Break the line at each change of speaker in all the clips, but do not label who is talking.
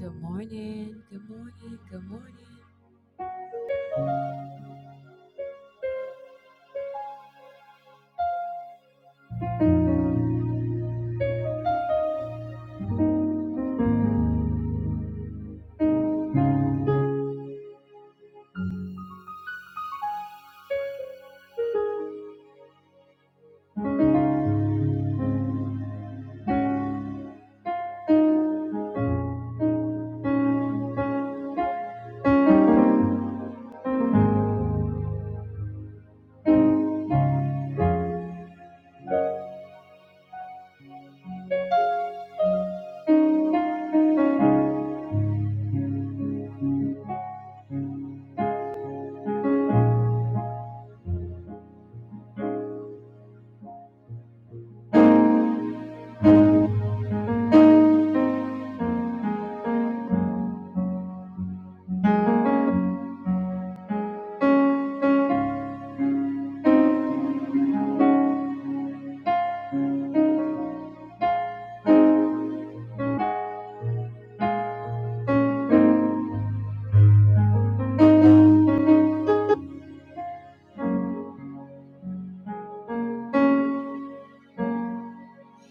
Good morning, good morning, good morning.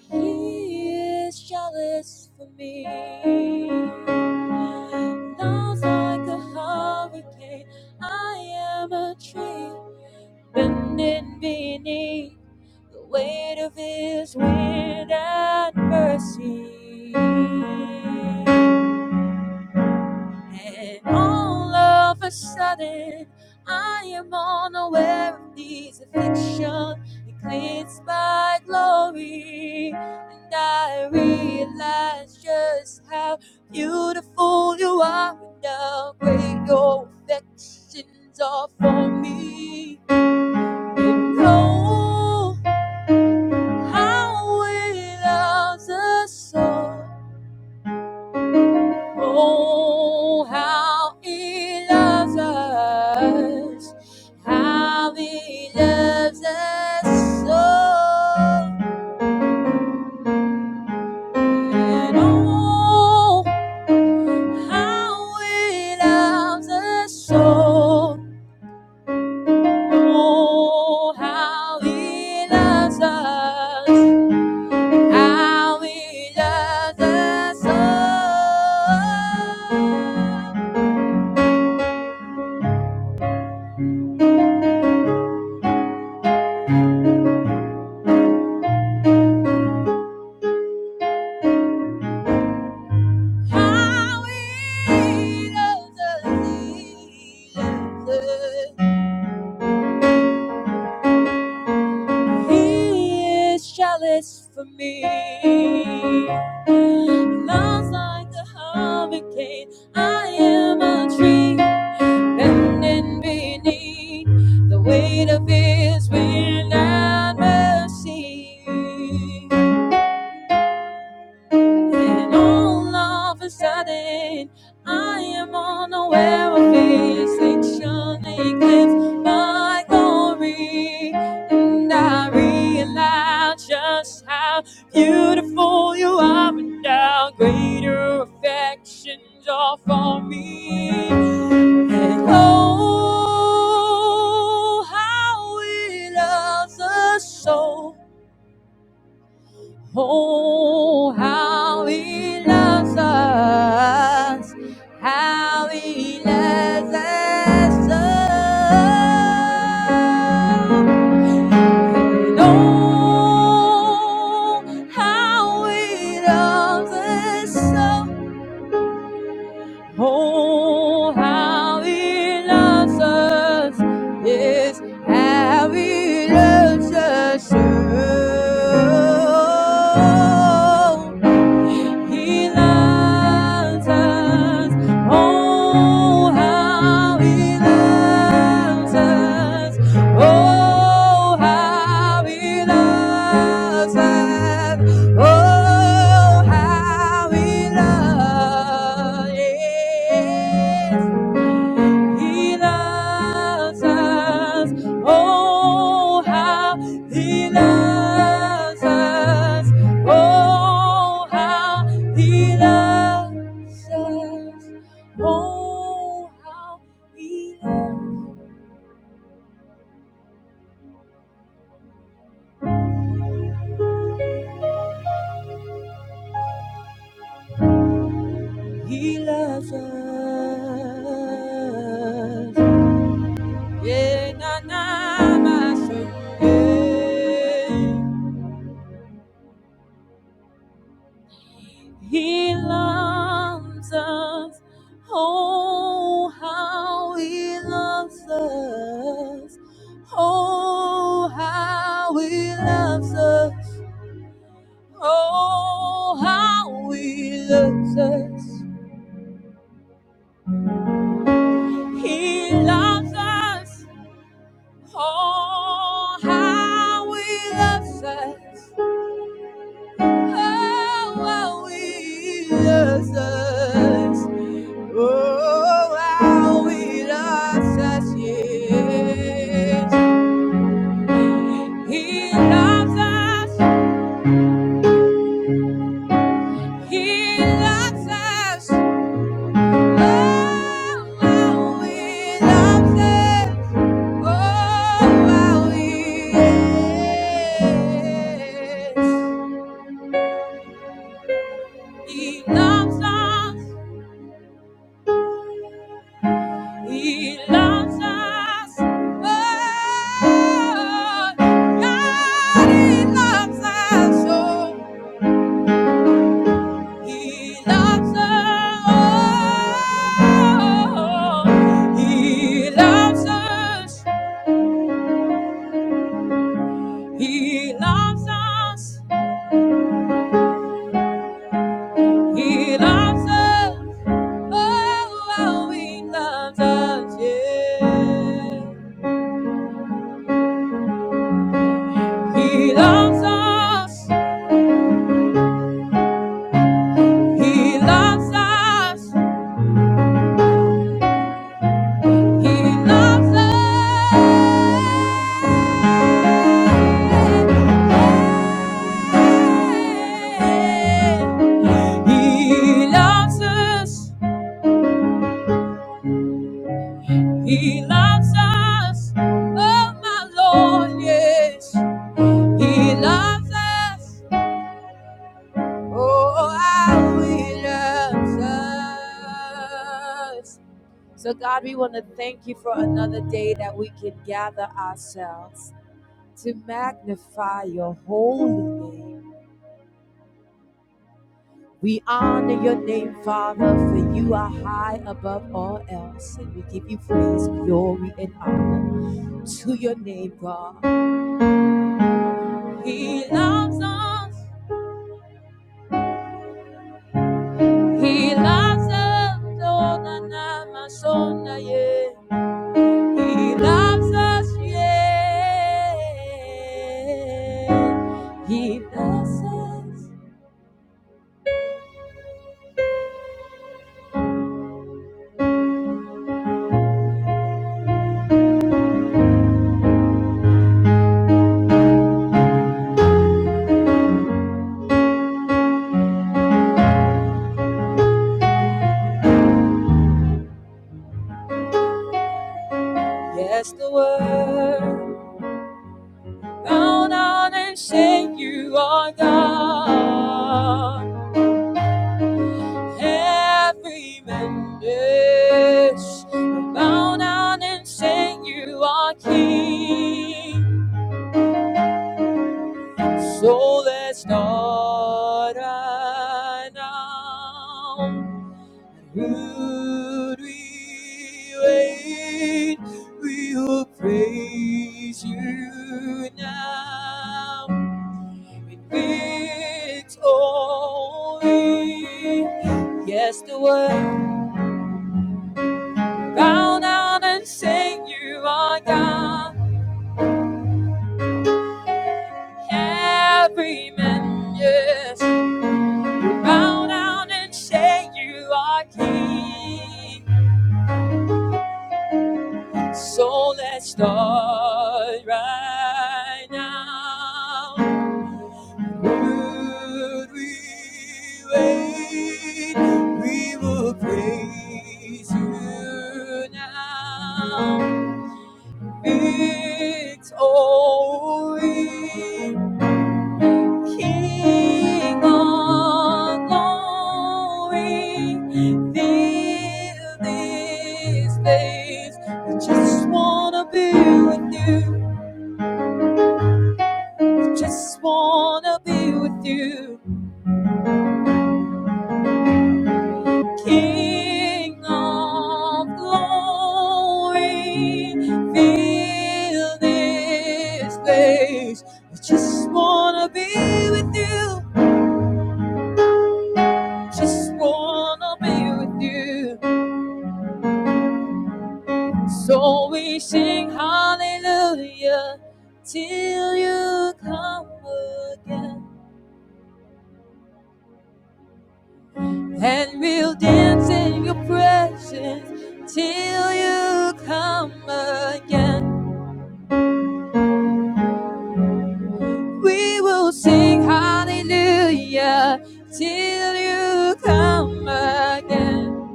He is jealous for me. Love's like a hurricane. I am a tree bending beneath the weight of his wind and mercy. And all of a sudden, I am unaware of these afflictions. eclipsed by glory. And I realize just how beautiful you are, and how great your affections are for me. And oh, how it loves us all. Oh, how he loves us. How he loves us so. And oh, how he loves us so. Oh, how he loves us. How he loves us so. How he loves us, he loves us. He is jealous for me. Loves like a hurricane. I am a tree bending beneath the weight of His wind and mercy. And all of a sudden, I am unaware of his action. He claims my glory, and I realize just how beautiful you are, and how greater affections are for me. And oh, how he loves us so. Oh, how he loves us. How he loves us. so! oh, how he loves us. So. Oh, how he loves us. Yes, how he loves us. So. He loves us. Oh, how He loves us. Oh, how He loves us. Oh, how He loves. He loves us. Oh, how he loves us. Oh, how he loves us. Oh, how he loves, he loves us. Yeah, na na, my soul. Yeah. He loves us. Oh, how he loves us. Oh, how he loves us. Oh, how he loves us. He loves us. Oh, how he loves us. Oh, How are we love us! Oh, how he loves us, yes. He loves us, he loves us. Oh, how he loves us. Oh, how he, yes. He loves us. He loves us. Oh, God, He loves us. Oh, He loves us. Oh, He loves us. He loves us. He loves us. Oh, oh, He loves us. Yeah. He loves us. He loves us. He loves us. He loves us. He loves us. Oh, my Lord, yes. He loves us. Oh, how he loves us. So, God, we want to thank you for another day that we can gather ourselves to magnify your holy name. We honor your name, Father, for you are high above all else, and we give you praise, glory, and honor to your name, God. He loves us. He loves us. Oh, na, na, my son, na, yeah. He loves us, yeah. He loves us. Yes, the world bow down and say you are God. every member bow down and say you are king so let's start right now Lord, we wait we will praise you now in victory yes the word bow down and sing you are God. Every man, yes, bow down and say you are King. So let's start right now. Would we wait? We will praise you now. Victory. King of glory, fill this place. We just wanna be with you. We just wanna be with you. King of glory, fill this place. We just wanna be with you. Just wanna be with you. So we sing hallelujah till you come again. And we'll dance in your presence till you come again. We will sing hallelujah till you come again.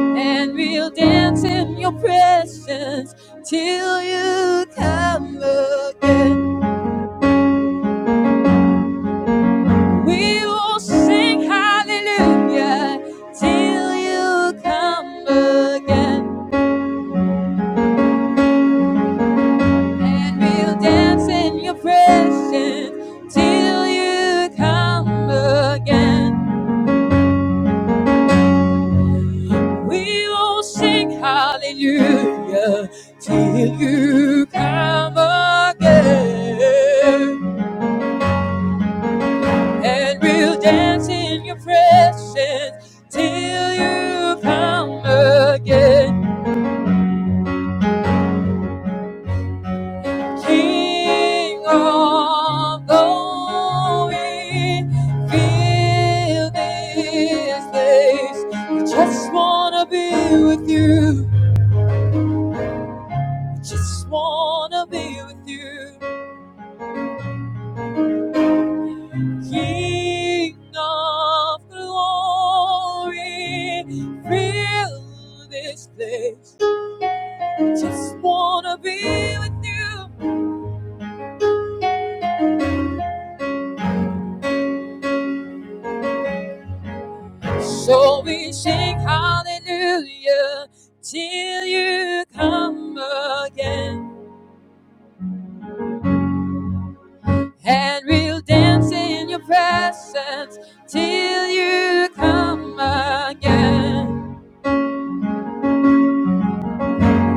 And we'll dance in your presence till you come again. We will sing hallelujah till you come again. And we'll dance in your presence till you come again. We will sing hallelujah till you come again. And we'll dance in your presence till you come again. King of glory, fill this place. We just wanna be with you. We just wanna be with you. King of glory, fill this place. Just wanna be with you. So we sing hallelujah till you come again. And we'll dance in your presence till you come again.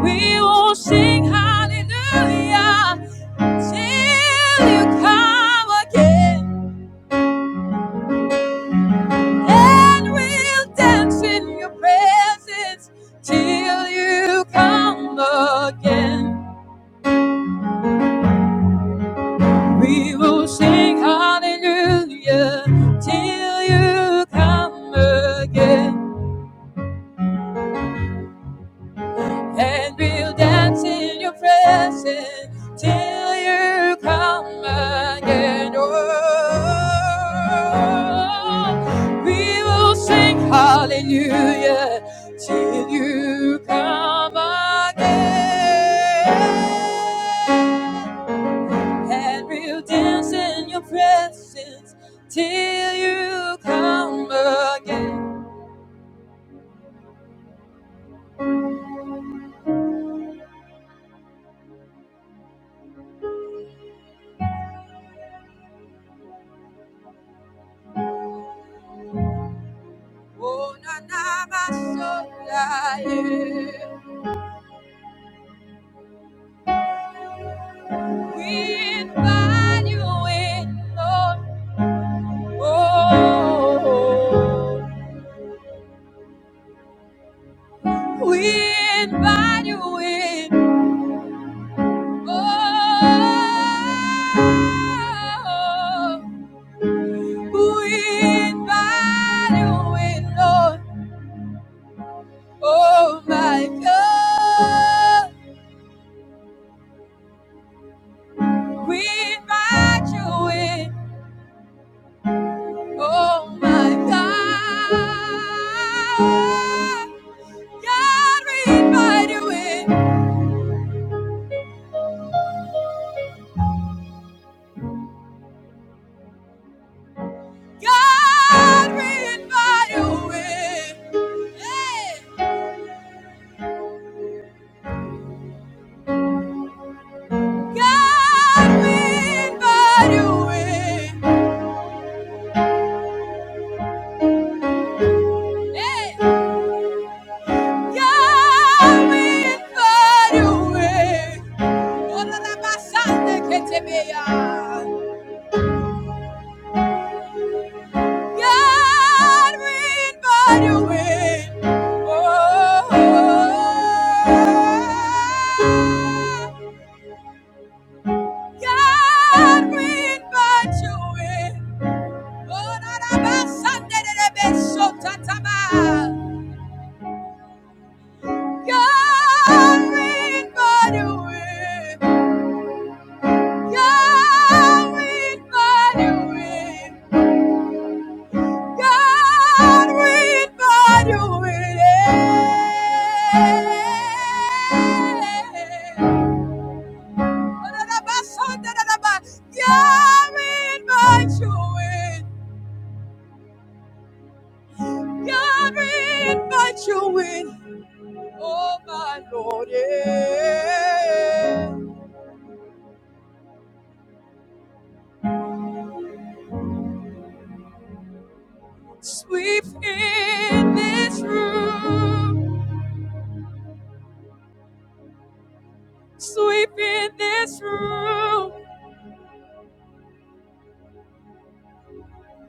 We will sing hallelujah till you come again. And we'll dance in your presence till you come again. We will sing hallelujah till you come again, and we'll dance in your presence till you come again. Oh, we will sing hallelujah till you come again. Had real dance in your presence till you come again. Oh, na na, my soul, I am. We invite you in, Lord. Oh, we invite you in. Oh, we invite you in, Lord. Oh my God, we invite you in. Oh my God, God, we invite you in. God, we invite you in. Hey, God, we invite you in. Hey, God, we invite you in. Oh, la, la, ba, sa, ne, ke, te, be, ya. God, we invite you in. Oh, God, we invite you in. Oh, na, na, ba, Sunday, de, de, be, so, ta, God, we invite you in. God, we invite you in. God, we find your way. God, we invite you in. God, we invite you in. Oh, my Lord, yeah. Sweep in this room. Sweep in this room.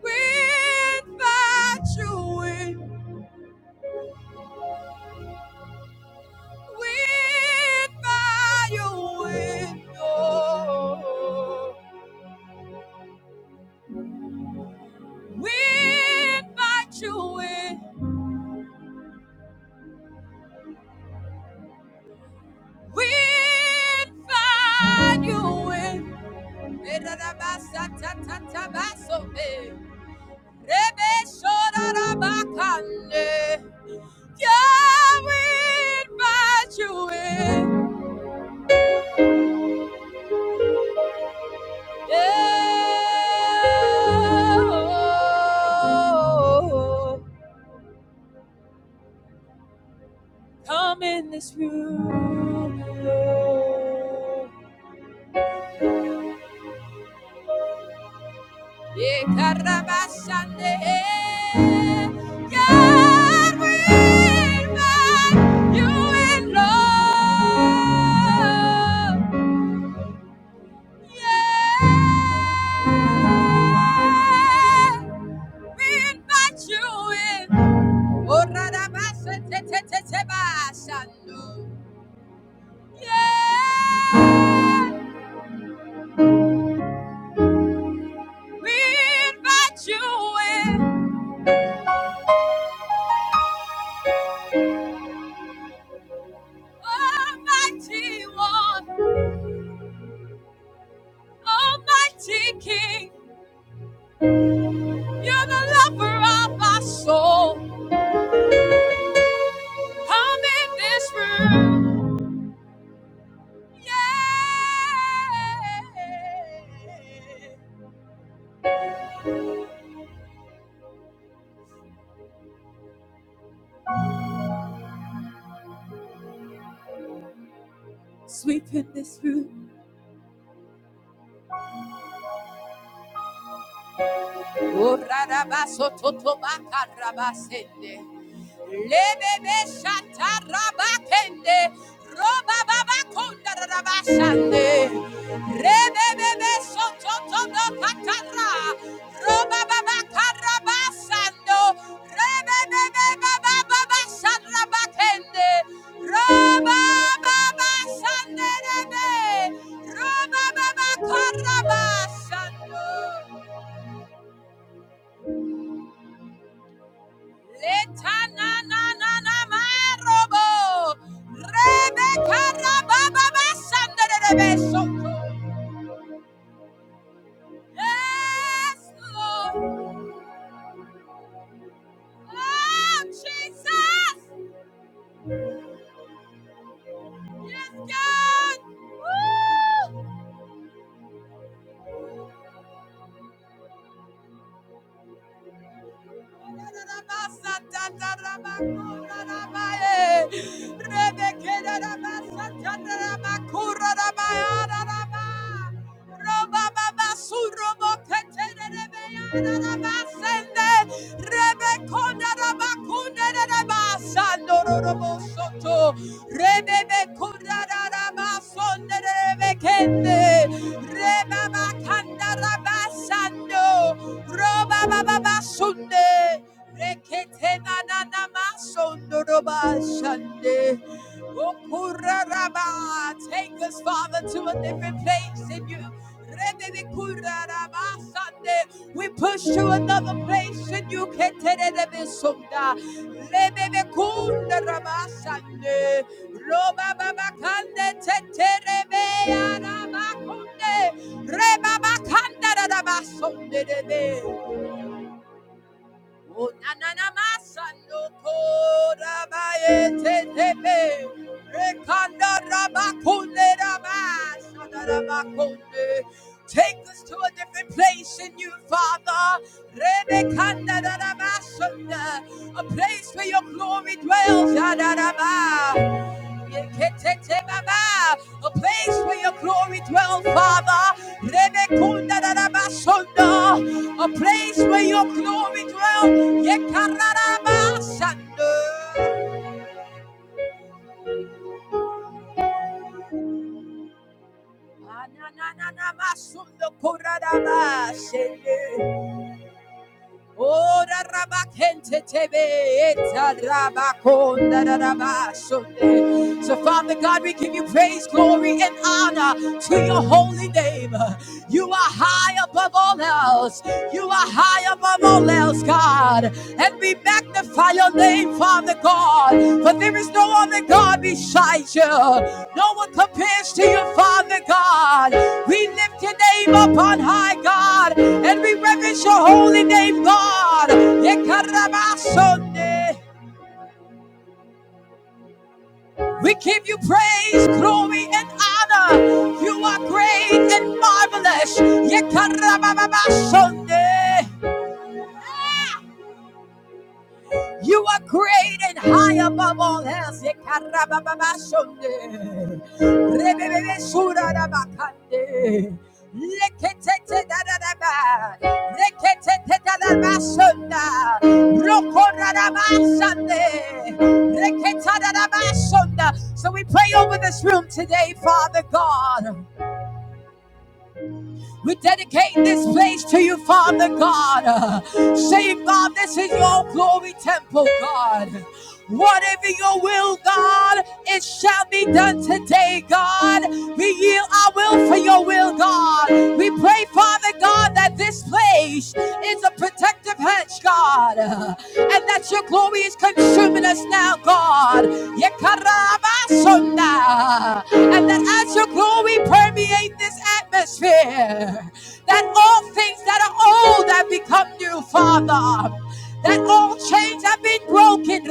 We invite you in. With by your window, with by your wind, with by your wind. Erabasa ta ta ta baso me, rebe shora rabakande. Yeah, with by your wind, yeah. Come in this room, Lord. Yeah, Karabashande. God, we invite you in, Lord. Yeah. We invite you in. Oh, Radabasa, te, te, te, te, Bashando. Yeah. We invite you in, Almighty One, Almighty King. You're the lover of our soul. Come in this room, yeah. Sweep in this room. Urarabaso totobakarabasende. Lebebe shatarabakende. Robababakundarabashande. Rebebebe sototobakatara. Robababakarabasando. Rebebebebababasharabakende. Robababasanderebe. Robababakarabasando. Letananananamaro. Rebekarabababasanderebesoto. Yes, Lord. Oh, Jesus. Yes, God. Woo. Rebebe Roba baba sunde. Rekete na na na masondoroba shande. Okuraraba. Take us, Father, to a different place in you. We push to another place in you. Keterebesunda. Lebedekundaraba shande. Robababakande O na masando kora bayete tepe. Rekanda rabakunde rabashada rabakunde. Take us to a different place in you, Father. A place where your glory dwells. A place where your glory dwells, Father. A place where your glory dwells. Yekararabasando. Ananananamasundokuradarabasende. Oh, the rabakente tebe eta rabakonda rabashonde. So, Father God, we give you praise, glory, and honor to your holy name. You are high above all else. You are high above all else, God. And we magnify your name, Father God. For there is no other God besides you. No one compares to you, Father God. We lift your name up on high, God. And we reverence your holy name, God. We give you praise, glory, and honor. You are great and marvelous. You are great and high above all else. So we pray over this room today, Father God. We dedicate this place to you, Father God. Uh, Say, God, this is your glory temple, God. Whatever your will, God, it shall be done today, God. We yield our will for your will, God. We pray pray, Father God, that this place is a protective hedge, God, and that your glory is consuming us now, God. And that as your glory permeate this atmosphere, that all things that are old have become new, Father. That all chains have been broken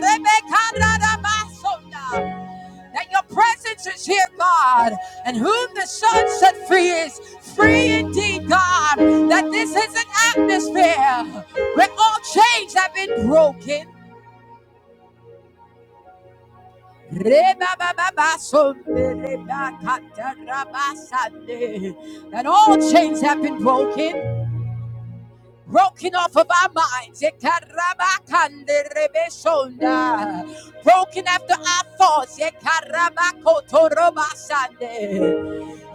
that your presence is here, God, and whom the Son set free is free indeed, God, that this is an atmosphere where all chains have been broken. That all chains have been broken. broken off of our minds. Ekarabakanderebeshonda. Broken after our thoughts. Ekarabakotorobasande.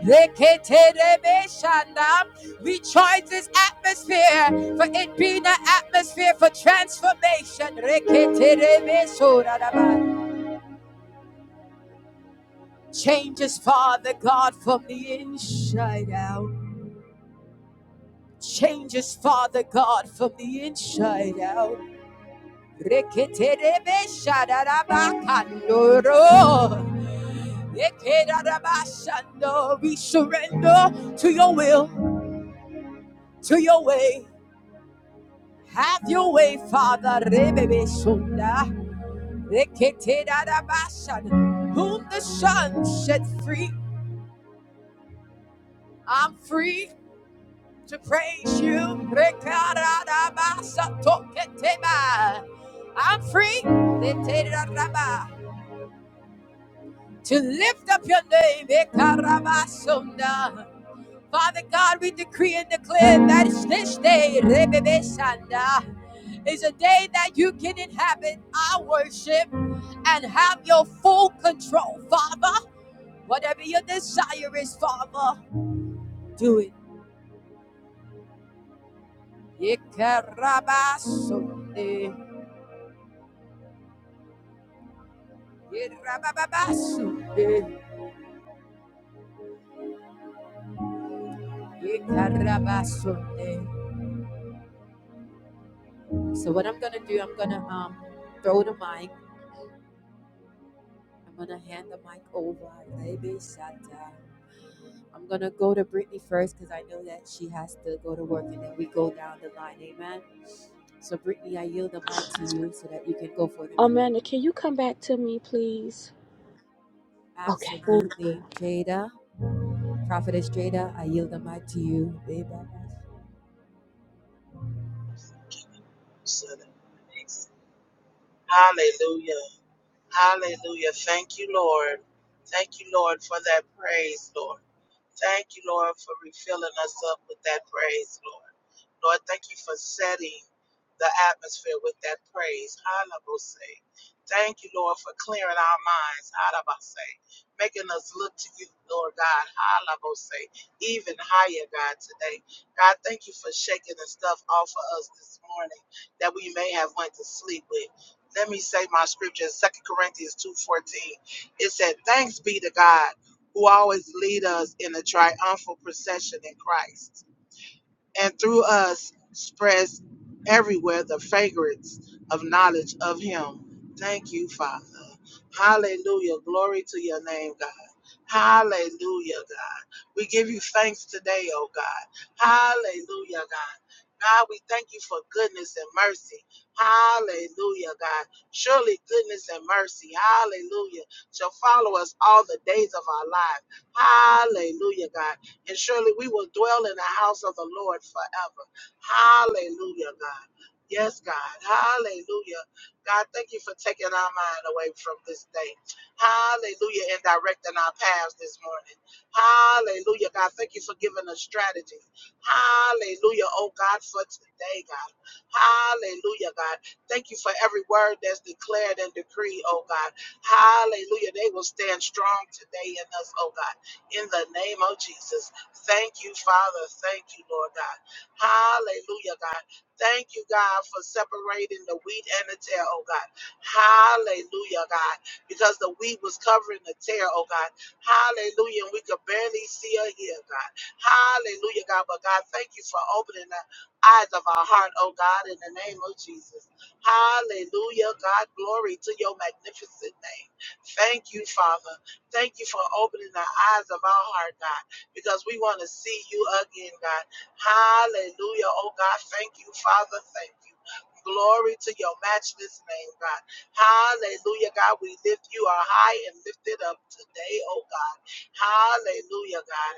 Reketerebeshanda. We charge this atmosphere for it being an atmosphere for transformation. Reketerebesoraraba. Change us, Father God, from the inside out. Change us, Father God, from the inside out. Reketerebeshadabakandoro. Ekerabashando. We surrender to your will, to your way. Have your way, Father. Rebebeshunda. Reketerabashan. Whom the Son set free, I'm free to praise you. Rekarabasatoketeba. I'm free. Reketerabashan. to lift up your name. Ekarabasonda. Father God, we decree and declare that this day Rebebesanda, is a day that you can inhabit our worship and have your full control, Father. Whatever your desire is, Father, do it. Ekarabasonde. Erabababasonde. Ekarabasonde. So what I'm gonna do, I'm gonna um throw the mic I'm gonna hand the mic over. Baby Shatta. I'm gonna go to Brittany first because I know that she has to go to work and then we go down the line. Amen. So Brittany, I yield the mic to you so that you can go forth and pray.
Amanda, can you come back to me, please? Okay.
Absolutely. Jada, Prophetess Jada, I yield the mic to you. Baby.
So that makes- Hallelujah. Hallelujah. Thank you, Lord. Thank you, Lord, for that praise, Lord. Thank you, Lord, for refilling us up with that praise, Lord. Lord, thank you for setting the atmosphere with that praise. Halabose. Thank you, Lord, for clearing our minds. Halabose. Making us look to you, Lord God. Halabose. Even higher, God, today. God, thank you for shaking the stuff off of us this morning that we may have went to sleep with. Let me say my scripture, Second Corinthians 2.14. It said, thanks be to God who always lead us in a triumphal procession in Christ and through us spreads everywhere the fragrance of knowledge of him. Thank you, Father. Hallelujah. Glory to your name, God. Hallelujah, God. We give you thanks today, oh God. Hallelujah, God. God, we thank you for goodness and mercy. Hallelujah, God. Surely goodness and mercy, hallelujah, shall follow us all the days of our life. Hallelujah, God and surely we will dwell in the house of the Lord forever. Hallelujah, God. Yes, God. Hallelujah. God, thank you for taking our mind away from this day. Hallelujah. And directing our paths this morning. Hallelujah. God, thank you for giving us strategy. Hallelujah. Oh, God, for today, God. Hallelujah, God. Thank you for every word that's declared and decreed, oh, God. Hallelujah. They will stand strong today in us, oh, God in the name of Jesus. Thank you, Father. Thank you, Lord God. Hallelujah, God. Thank you, God, for separating the wheat and the tear, oh God. Hallelujah, God. Because the wheat was covering the tear, oh God. Hallelujah. And we could barely see or hear, God. Hallelujah, God. But God, thank you for opening the eyes of our heart, oh God, in the name of Jesus. Hallelujah, God. Glory to your magnificent name. Thank you, Father. Thank you for opening the eyes of our heart, God because we want to see you again, God. Hallelujah. Oh, God, thank you, Father. Thank you. Glory to your matchless name, God. Hallelujah, God. We lift you are high and lifted up today, oh God. Hallelujah, God.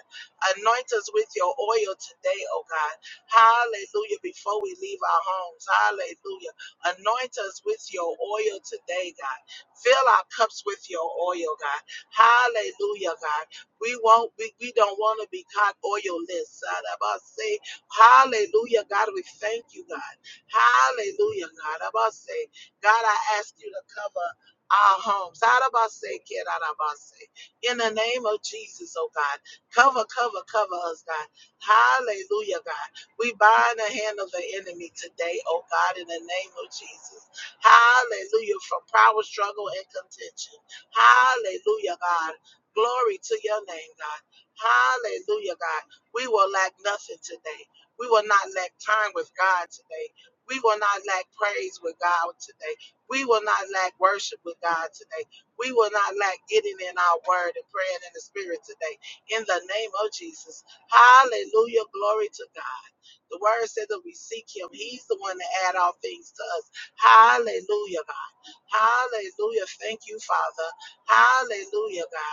Anoint us with your oil today, oh God. Hallelujah. Before we leave our homes, hallelujah. Anoint us with your oil today, God. Fill our cups with your oil, God. Hallelujah, God. We won't be, we don't want to be caught oilless. God, i about say, hallelujah, God, we thank you, God. Hallelujah, God. i about say, God, I ask you to cover our homes. God, i about say, kid, I'm about say, in the name of Jesus, oh God, cover, cover, cover us, God. Hallelujah, God. We bind the hand of the enemy today, oh God, in the name of Jesus. Hallelujah, from power, struggle, and contention. Hallelujah, God. Glory to your name, God. Hallelujah, God. We will lack nothing today. We will not lack time with God today. We will not lack praise with God today. We will not lack worship with God today. We will not lack getting in our word and praying in the spirit today. In the name of Jesus. Hallelujah. Glory to God. The word said that we seek him. He's the one that add all things to us. Hallelujah, God. Hallelujah. Thank you, Father. Hallelujah, God.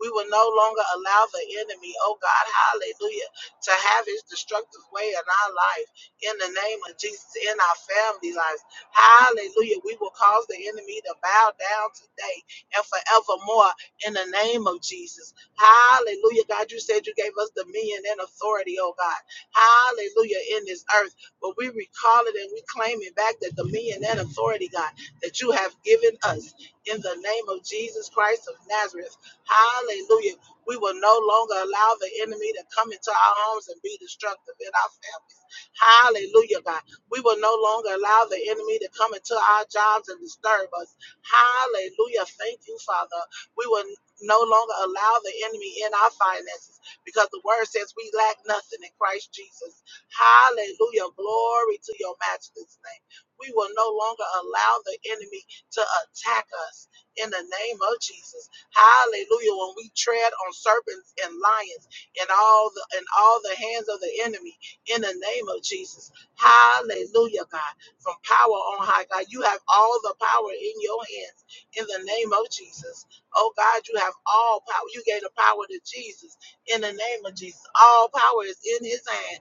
We will no longer allow the enemy, oh God, hallelujah, to have his destructive way in our life. In the name of Jesus, in our family lives. Hallelujah. We will cause the enemy to bow down today and forevermore in the name of Jesus. Hallelujah. God, you said you gave us dominion and authority, oh God. Hallelujah in this earth. But we recall it and we claim it back the dominion and authority, God, that you have given us in the name of Jesus Christ of Nazareth. Hallelujah. We will no longer allow the enemy to come into our homes and be destructive in our families. Hallelujah, God. We will no longer allow the enemy to come into our jobs and disturb us. Hallelujah. Thank you, Father. We will no longer allow the enemy in our finances because the word says we lack nothing in Christ Jesus. Hallelujah. Glory to your matchless name. We will no longer allow the enemy to attack us in the name of Jesus. Hallelujah. When we tread on serpents and lions and all the and all the hands of the enemy in the name of Jesus. Hallelujah, God. From power on high, God. You have all the power in your hands in the name of Jesus. Oh God, you have all power. You gave the power to Jesus in the name of Jesus. All power is in his hand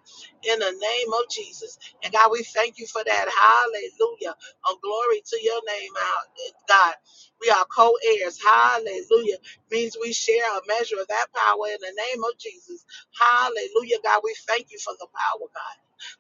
in the name of Jesus. And God, we thank you for that. Hallelujah. Oh, glory to your name, our- God. We are co heirs. Hallelujah. Means we share a measure of that power in the name of Jesus. Hallelujah, God. We thank you for the power, God.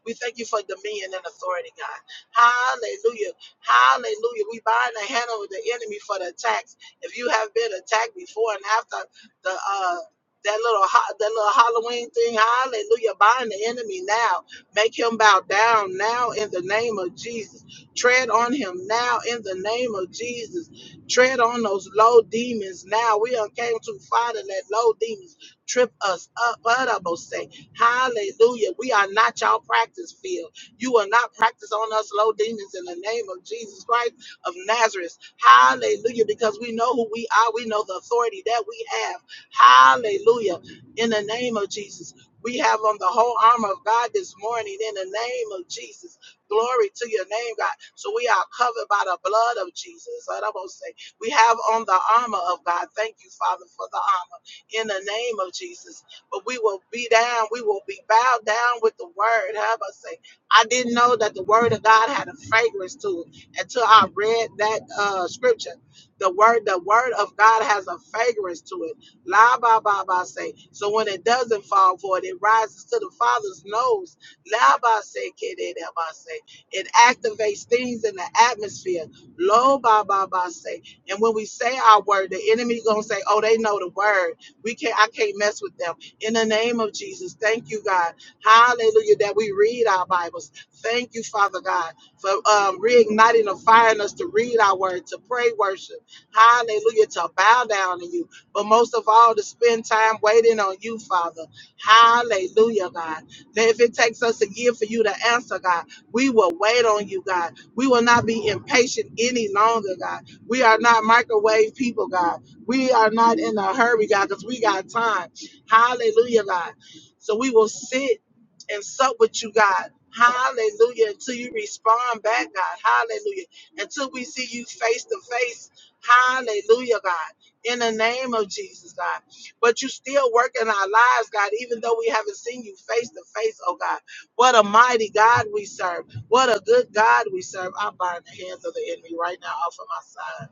We thank you for dominion and authority, God. Hallelujah. Hallelujah. We bind the hand of the enemy for the attacks. If you have been attacked before and after the, uh, that little ho- that little Halloween thing, hallelujah, bind the enemy now. Make him bow down now in the name of Jesus. Tread on him now in the name of Jesus. Tread on those low demons now. We done came too far to let low demons trip us up. But I must say, hallelujah. We are not your practice field. You will not practice on us low demons in the name of Jesus Christ of Nazareth. Hallelujah. Because we know who we are. We know the authority that we have. Hallelujah. In the name of Jesus. We have on the whole armor of God this morning in the name of Jesus. Glory to your name, God. So we are covered by the blood of Jesus. We have on the armor of God. Thank you, Father, for the armor in the name of Jesus. But we will be down, we will be bowed down with the word. Have us say, I didn't know that the word of God had a fragrance to it until I read that uh, scripture. The word, the word of God has a fragrance to it. La ba ba ba say. So when it doesn't fall for it, it rises to the Father's nose. La ba say, kiddy, da, ba say. It activates things in the atmosphere. Lo ba ba ba say. And when we say our word, the enemy gonna say, "Oh, they know the word. We can't. I can't mess with them." In the name of Jesus, thank you, God. Hallelujah. That we read our Bibles. Thank you, Father God, for um, reigniting and firing us to read our word, to pray, worship. Hallelujah. To bow down to you, but most of all, to spend time waiting on you, Father. Hallelujah, God. That if it takes us a year for you to answer, God, we will wait on you, God. We will not be impatient any longer, God we are not microwave people, God. We are not in a hurry, God, because we got time. Hallelujah, God. So we will sit and sup with you, God. Hallelujah. Until you respond back, God. Hallelujah. Until we see you face to face. Hallelujah, God. In the name of Jesus, God. But you still work in our lives, God, even though we haven't seen you face to face, oh God. What a mighty God we serve. What a good God we serve. I bind the hands of the enemy right now off of my sons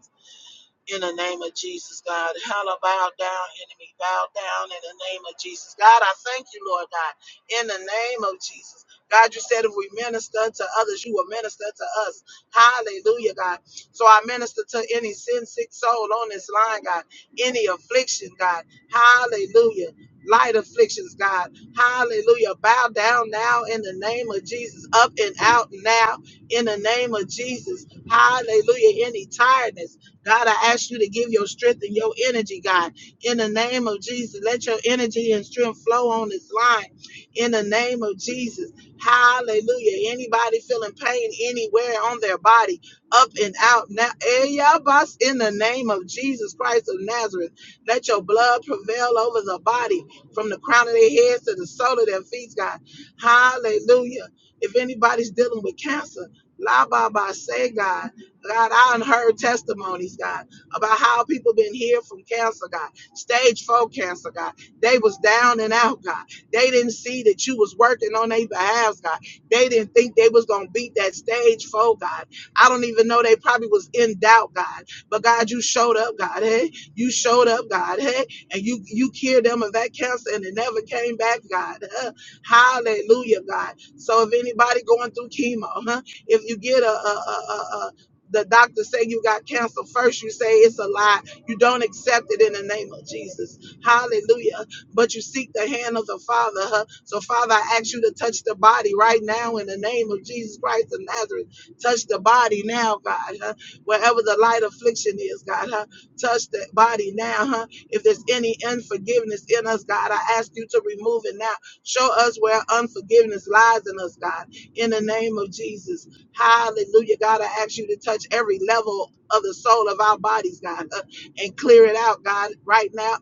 in the name of Jesus, God. Hella bow down, enemy, bow down in the name of Jesus. God, I thank you, Lord God, in the name of Jesus. God, you said if we minister to others, you will minister to us. Hallelujah, God. So I minister to any sin sick soul on this line, God. Any affliction, God. Hallelujah. Light afflictions, God. Hallelujah. Bow down now in the name of Jesus. Up and out now in the name of Jesus. Hallelujah. Any tiredness. God, I ask you to give your strength and your energy, God, in the name of Jesus. Let your energy and strength flow on this line in the name of Jesus. Hallelujah. Anybody feeling pain anywhere on their body, up and out now, Eyabas, in the name of Jesus Christ of Nazareth, let your blood prevail over the body from the crown of their heads to the sole of their feet, God. Hallelujah. If anybody's dealing with cancer, La ba ba say God. God, I done heard testimonies, God, about how people been healed from cancer, God, stage four cancer, God. They was down and out, God. They didn't see that you was working on their behalf, God. They didn't think they was gonna beat that stage four, God. I don't even know they probably was in doubt, God. But God, you showed up, God, hey. You showed up, God, hey, and you you cured them of that cancer and it never came back, God. huh? Hallelujah, God. So if anybody going through chemo, huh? If you get a a, a, a, the doctor say you got cancer first you say it's a lie you don't accept it in the name of jesus hallelujah but you seek the hand of the father huh? so father i ask you to touch the body right now in the name of jesus christ of nazareth touch the body now god huh? wherever the light affliction is god huh? touch the body now huh? if there's any unforgiveness in us god i ask you to remove it now show us where unforgiveness lies in us god in the name of jesus Hallelujah. God, I ask you to touch every level of the soul of our bodies, God, uh, and clear it out, God, right now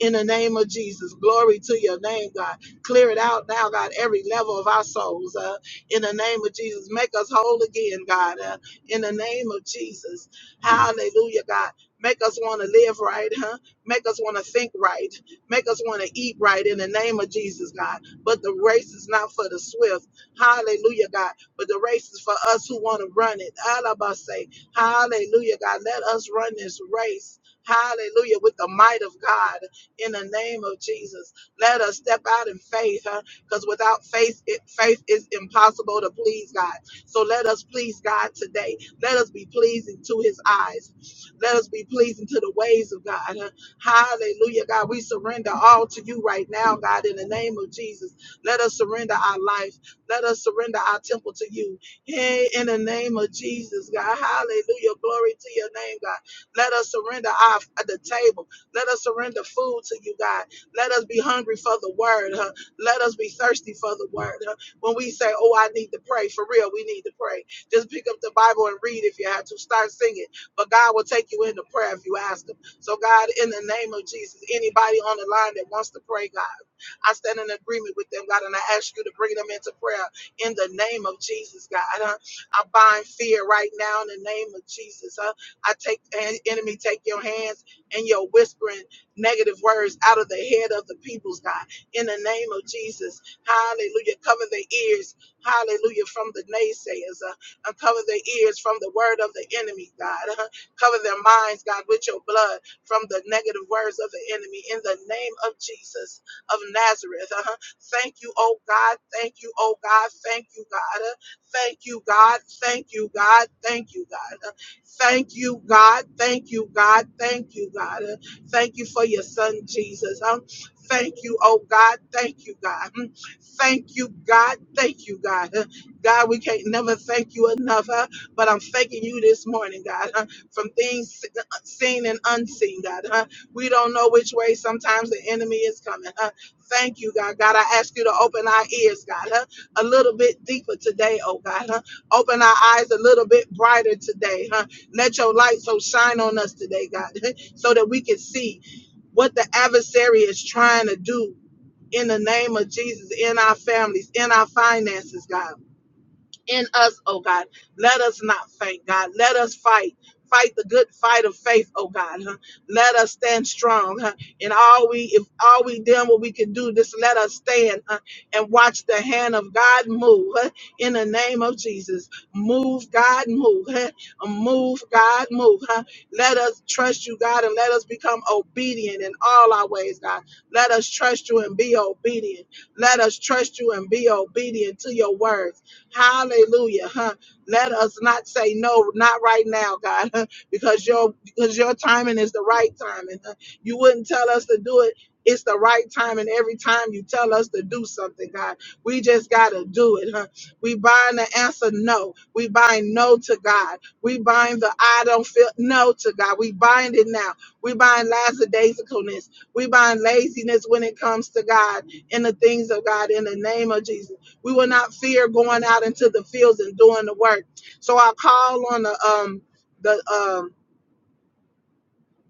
in the name of Jesus. Glory to your name, God. Clear it out now, God, every level of our souls. Uh, in the name of Jesus, make us whole again, God. Uh, in the name of Jesus. Hallelujah, God. Make us want to live right, huh? Make us want to think right. Make us want to eat right in the name of Jesus, God. But the race is not for the swift. Hallelujah, God. But the race is for us who want to run it. Alabase. Hallelujah, God. Let us run this race. Hallelujah, with the might of God in the name of Jesus. Let us step out in faith, huh? Because without faith, it, faith is impossible to please God. So let us please God today. Let us be pleasing to His eyes. Let us be pleasing to the ways of God. huh? Hallelujah, God. We surrender all to you right now, God, in the name of Jesus. Let us surrender our life. Let us surrender our temple to you. Hey, in the name of Jesus, God. Hallelujah. Glory to your name, God. Let us surrender our at the table. Let us surrender food to you, God. Let us be hungry for the word. Huh? Let us be thirsty for the word. Huh? When we say, Oh, I need to pray, for real, we need to pray. Just pick up the Bible and read if you have to. Start singing. But God will take you into prayer if you ask Him. So, God, in the name of Jesus, anybody on the line that wants to pray, God. I stand in agreement with them, God, and I ask you to bring them into prayer in the name of Jesus, God. Uh, I bind fear right now in the name of Jesus. Uh, I take en- enemy, take your hands and your whispering negative words out of the head of the peoples, God, in the name of Jesus. Hallelujah. Cover their ears, hallelujah, from the naysayers. Uh, uncover their ears from the word of the enemy, God. Uh, cover their minds, God, with your blood from the negative words of the enemy in the name of Jesus of Nazareth. Uh-huh. Thank you, oh God. Thank you, oh God. Thank you, God. Uh, Thank you, God. Thank you, God. Thank you, God. Uh, Thank you, God. Thank you, God. Thank you, God. Uh, Thank you for your son, Jesus. Um, thank you, oh God. Thank you, God. Mm. Thank you, God. Thank you, God. Uh, God, we can't never thank you enough, uh, but I'm thanking you this morning, God, uh, from things seen and unseen, God. Uh, we don't know which way sometimes the enemy is coming. uh, Thank you, God. God, I ask you to open our ears, God, huh? a little bit deeper today, oh God. Huh? Open our eyes a little bit brighter today, huh? Let your light so shine on us today, God, huh? so that we can see what the adversary is trying to do in the name of Jesus, in our families, in our finances, God in us, oh God. Let us not faint, God. Let us fight. Fight the good fight of faith, oh God. Huh? Let us stand strong. huh? And all we, if all we done what we can do, just let us stand huh, and watch the hand of God move huh, in the name of Jesus. Move, God, move. huh? Uh, Move, God, move. huh? Let us trust you, God, and let us become obedient in all our ways, God. Let us trust you and be obedient. Let us trust you and be obedient to your word. Hallelujah. Huh? Let us not say no, not right now, God, huh? because your because your timing is the right timing. Huh? You wouldn't tell us to do it. It's the right time, and every time you tell us to do something, God, we just gotta do it, huh? We bind the answer no. We bind no to God. We bind the I don't feel no to God. We bind it now. We bind lackadaisicalness. We bind laziness when it comes to God and the things of God in the name of Jesus. We will not fear going out into the fields and doing the work. So I call on the um the um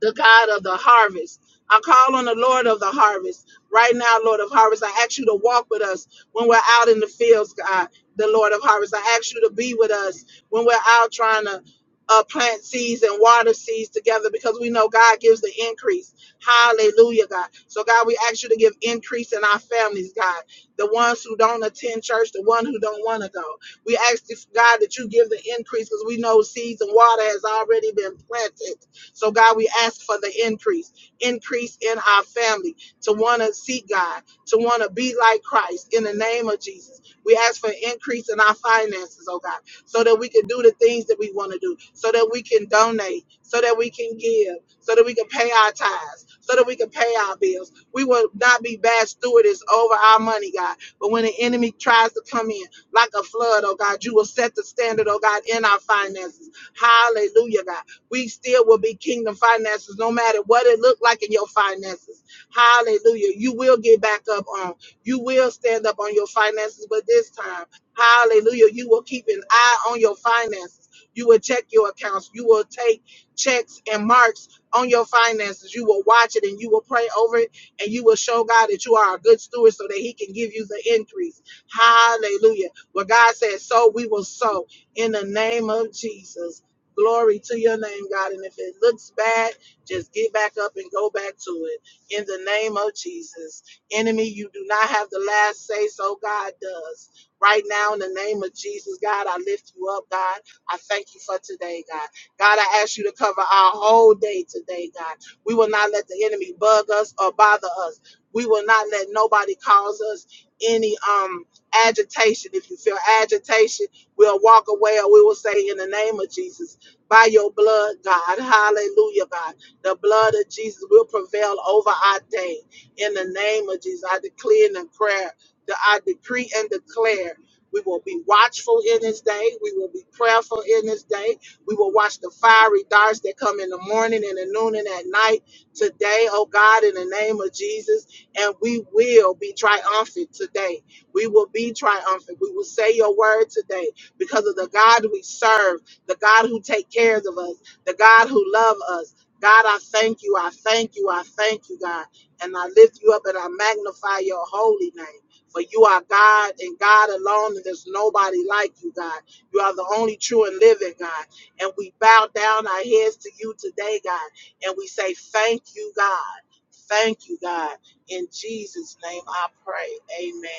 the God of the harvest. I call on the Lord of the harvest right now, Lord of harvest. I ask you to walk with us when we're out in the fields, God, the Lord of harvest. I ask you to be with us when we're out trying to uh, plant seeds and water seeds together because we know God gives the increase. Hallelujah, God. So, God, we ask you to give increase in our families, God. The ones who don't attend church, the one who don't want to go. We ask, God, that you give the increase because we know seeds and water has already been planted so, God, we ask for the increase, increase in our family to want to seek God, to want to be like Christ in the name of Jesus. We ask for increase in our finances, oh God, so that we can do the things that we want to do, so that we can donate, so that we can give, so that we can pay our tithes, so that we can pay our bills. We will not be bad stewards over our money, God. But when the enemy tries to come in like a flood, oh God, you will set the standard, oh God, in our finances. Hallelujah, God we still will be kingdom finances no matter what it looked like in your finances. Hallelujah. You will get back up on. You will stand up on your finances, but this time, hallelujah, you will keep an eye on your finances. You will check your accounts. You will take checks and marks on your finances. You will watch it and you will pray over it and you will show God that you are a good steward so that He can give you the increase. Hallelujah. What God says, so we will sow in the name of Jesus. Glory to your name, God. And if it looks bad, just get back up and go back to it. In the name of Jesus. Enemy, you do not have the last say, so God does. Right now, in the name of Jesus, God, I lift you up, God. I thank you for today, God. God, I ask you to cover our whole day today, God. We will not let the enemy bug us or bother us. We will not let nobody cause us any um agitation. If you feel agitation, we'll walk away or we will say in the name of Jesus by your blood, God. Hallelujah, God. The blood of Jesus will prevail over our day. In the name of Jesus, I declare and declare, that I decree and declare. We will be watchful in this day. We will be prayerful in this day. We will watch the fiery darts that come in the morning and the noon and at night today, oh God, in the name of Jesus. And we will be triumphant today. We will be triumphant. We will say your word today because of the God we serve the God who take care of us, the God who love us. God, I thank you. I thank you. I thank you, God. And I lift you up and I magnify your holy name. For you are God and God alone, and there's nobody like you, God. You are the only true and living God. And we bow down our heads to you today, God. And we say, Thank you, God. Thank you, God. In Jesus' name I pray. Amen.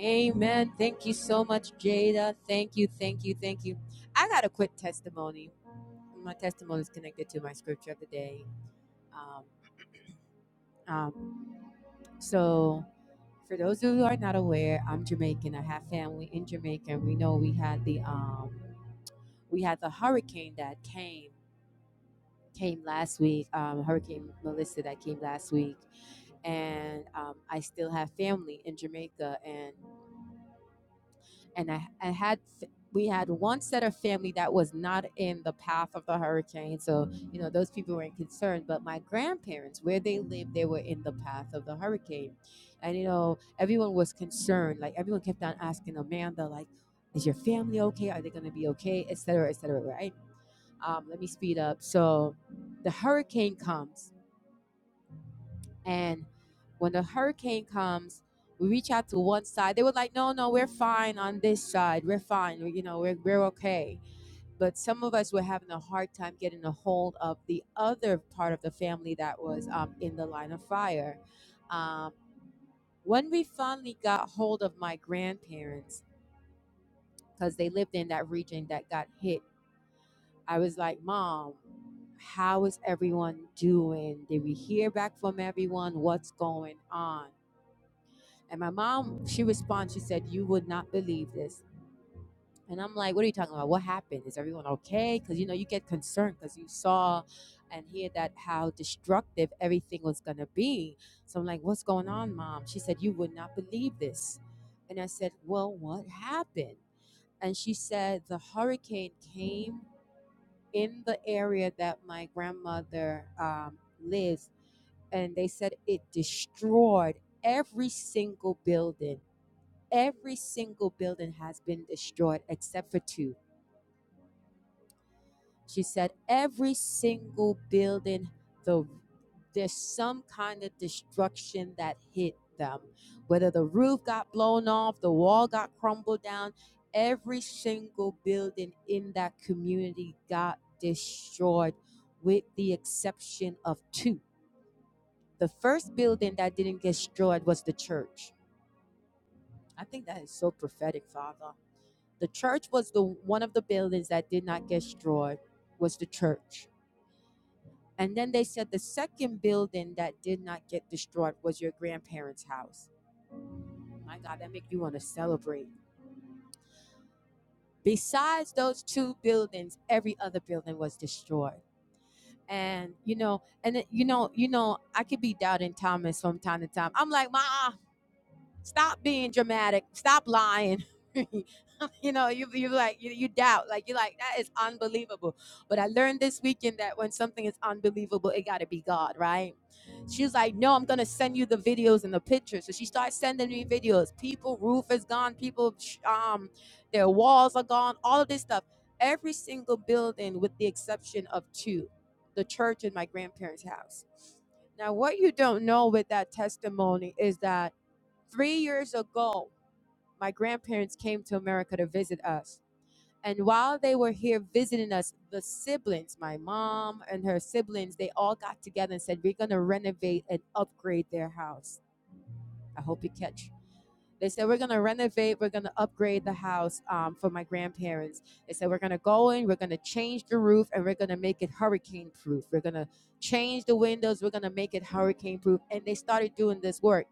Amen. Thank you so much, Jada. Thank you, thank you, thank you. I got a quick testimony. My testimony is connected to my scripture of the day. Um, um, so For those who are not aware, I'm Jamaican. I have family in Jamaica. We know we had the um, we had the hurricane that came came last week. Um, hurricane Melissa that came last week, and um, I still have family in Jamaica. And and I, I had we had one set of family that was not in the path of the hurricane so you know those people weren't concerned but my grandparents where they lived they were in the path of the hurricane and you know everyone was concerned like everyone kept on asking amanda like is your family okay are they going to be okay etc cetera, etc cetera, right um, let me speed up so the hurricane comes and when the hurricane comes, we reach out to one side. They were like, no, no, we're fine on this side. We're fine. We- you know, we're, we're okay. But some of us were having a hard time getting a hold of the other part of the family that was um, in the line of fire. Um, when we finally got hold of my grandparents, because they lived in that region that got hit, I was like, Mom, how is everyone doing? Did we hear back from everyone? What's going on? And my mom, she responds, she said, You would not believe this. And I'm like, What are you talking about? What happened? Is everyone okay? Because, you know, you get concerned because you saw and hear that how destructive everything was going to be. So I'm like, What's going on, mom? She said, You would not believe this. And I said, Well, what happened? And she said, The hurricane came in the area that my grandmother um, lives. And they said it destroyed every single building Every single building has been destroyed except for two. She said, Every single building, the, there's some kind of destruction that hit them. Whether the roof got blown off, the wall got crumbled down, every single building in that community got destroyed with the exception of two. The first building that didn't get destroyed was the church. I think that is so prophetic, Father. The church was the one of the buildings that did not get destroyed was the church. And then they said the second building that did not get destroyed was your grandparents' house. My God, that make you want to celebrate. Besides those two buildings, every other building was destroyed. And you know, and you know, you know, I could be doubting Thomas from time to time. I'm like, ma. Stop being dramatic. Stop lying. you know, you you like you, you doubt, like you're like that is unbelievable. But I learned this weekend that when something is unbelievable, it got to be God, right? She was like, "No, I'm gonna send you the videos and the pictures." So she starts sending me videos. People, roof is gone. People, um, their walls are gone. All of this stuff. Every single building, with the exception of two, the church and my grandparents' house. Now, what you don't know with that testimony is that Three years ago, my grandparents came to America to visit us. And while they were here visiting us, the siblings, my mom and her siblings, they all got together and said, We're going to renovate and upgrade their house. I hope you catch. They said, We're going to renovate, we're going to upgrade the house um, for my grandparents. They said, We're going to go in, we're going to change the roof, and we're going to make it hurricane proof. We're going to change the windows, we're going to make it hurricane proof. And they started doing this work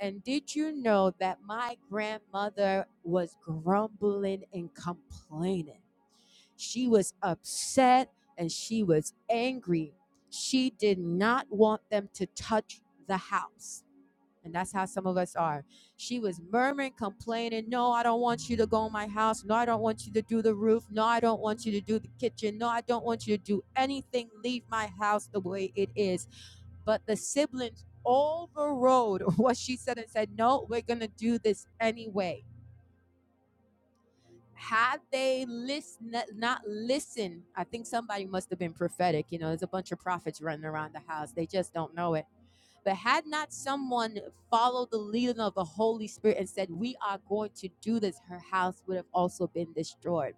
and did you know that my grandmother was grumbling and complaining? She was upset and she was angry. She did not want them to touch the house. And that's how some of us are. She was murmuring, complaining, No, I don't want you to go in my house. No, I don't want you to do the roof. No, I don't want you to do the kitchen. No, I don't want you to do anything. Leave my house the way it is but the siblings overrode what she said and said, No, we're going to do this anyway. Had they listen, not listened, I think somebody must have been prophetic. You know, there's a bunch of prophets running around the house. They just don't know it. But had not someone followed the leading of the Holy Spirit and said, We are going to do this, her house would have also been destroyed.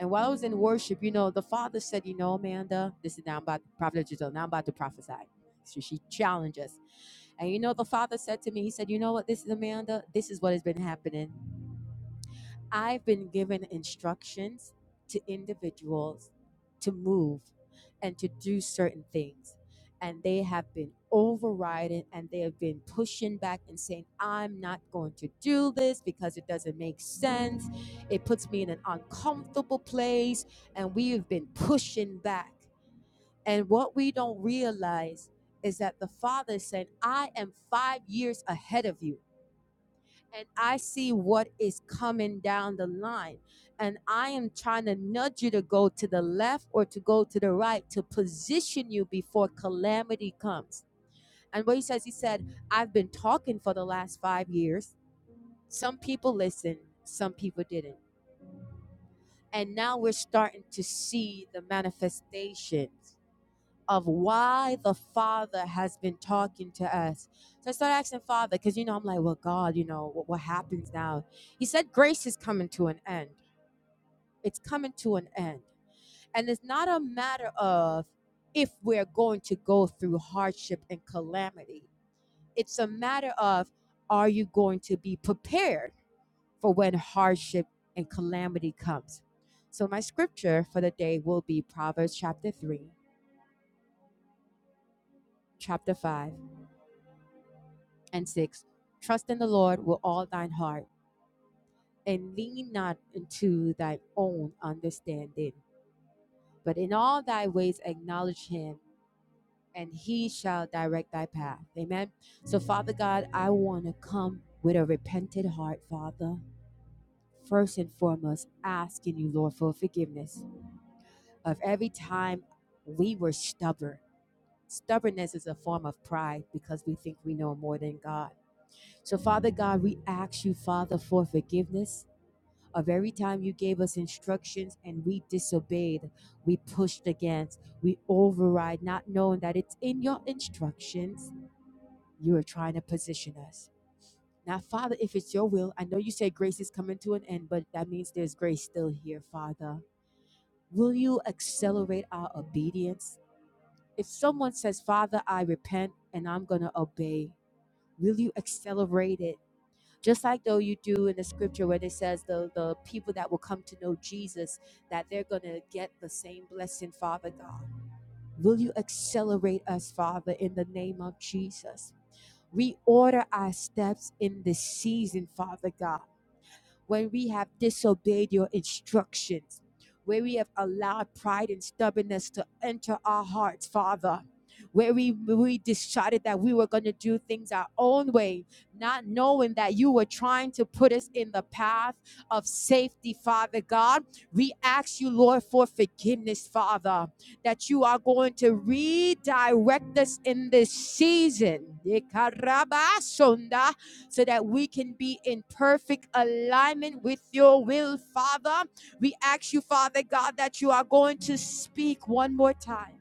And while I was in worship, you know, the father said, You know, Amanda, this is now about prophet, Giselle, now I'm about to prophesy. So she challenged us. And you know, the father said to me, he said, You know what, this is Amanda, this is what has been happening. I've been given instructions to individuals to move and to do certain things. And they have been overriding and they have been pushing back and saying, I'm not going to do this because it doesn't make sense. It puts me in an uncomfortable place. And we have been pushing back. And what we don't realize is that the Father said, I am five years ahead of you, and I see what is coming down the line. And I am trying to nudge you to go to the left or to go to the right to position you before calamity comes. And what he says, he said, I've been talking for the last five years. Some people listened, some people didn't. And now we're starting to see the manifestations of why the Father has been talking to us. So I started asking Father, because you know, I'm like, well, God, you know, what, what happens now? He said, grace is coming to an end. It's coming to an end. And it's not a matter of if we're going to go through hardship and calamity, it's a matter of are you going to be prepared for when hardship and calamity comes? So my scripture for the day will be Proverbs chapter 3, chapter 5 and 6 trust in the lord with all thine heart and lean not unto thine own understanding but in all thy ways acknowledge him and he shall direct thy path amen so father god i want to come with a repentant heart father first and foremost asking you lord for forgiveness of every time we were stubborn stubbornness is a form of pride because we think we know more than god so father god we ask you father for forgiveness of every time you gave us instructions and we disobeyed, we pushed against, we override, not knowing that it's in your instructions you are trying to position us. Now, Father, if it's your will, I know you say grace is coming to an end, but that means there's grace still here, Father. Will you accelerate our obedience? If someone says, Father, I repent and I'm going to obey, will you accelerate it? just like though you do in the scripture where it says the, the people that will come to know jesus that they're going to get the same blessing father god will you accelerate us father in the name of jesus reorder our steps in this season father god when we have disobeyed your instructions, where we have allowed pride and stubbornness to enter our hearts, Father. Where we, we decided that we were going to do things our own way, not knowing that you were trying to put us in the path of safety, Father God. We ask you, Lord, for forgiveness, Father, that you are going to redirect us in this season. Ikarabasonda so that we can be in perfect alignment with your will, Father. We ask you, Father God, that you are going to speak one more time.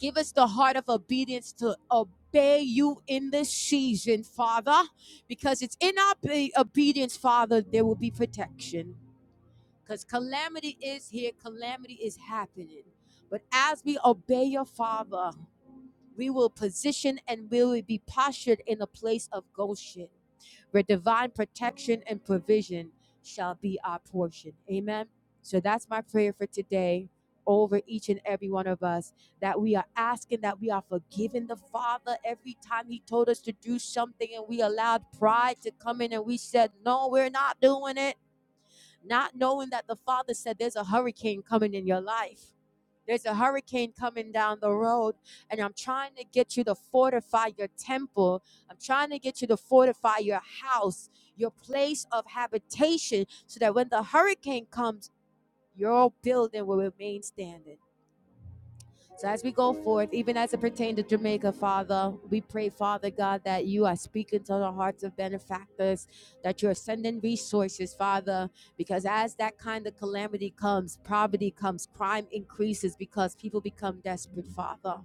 Give us the heart of obedience to obey you in this season, Father, because it's in our be- obedience, Father, there will be protection. Because calamity is here, calamity is happening. But as we obey your Father, we will position and we will be postured in a place of Goshen, where divine protection and provision shall be our portion. Amen. So that's my prayer for today over each and every one of us that we are asking that we are forgiving the Father every time He told us to do something and we allowed pride to come in and we said, No, we're not doing it. Not knowing that the Father said there's a hurricane coming in your life. There's a hurricane coming down the road, and I'm trying to get you to fortify your temple. I'm trying to get you to fortify your house, your place of habitation, so that when the hurricane comes, your building will remain standing. So as we go forth, even as it pertains to Jamaica, Father, we pray, Father God, that you are speaking to the hearts of benefactors, that you are sending resources, Father, because as that kind of calamity comes, poverty comes, crime increases because people become desperate, Father.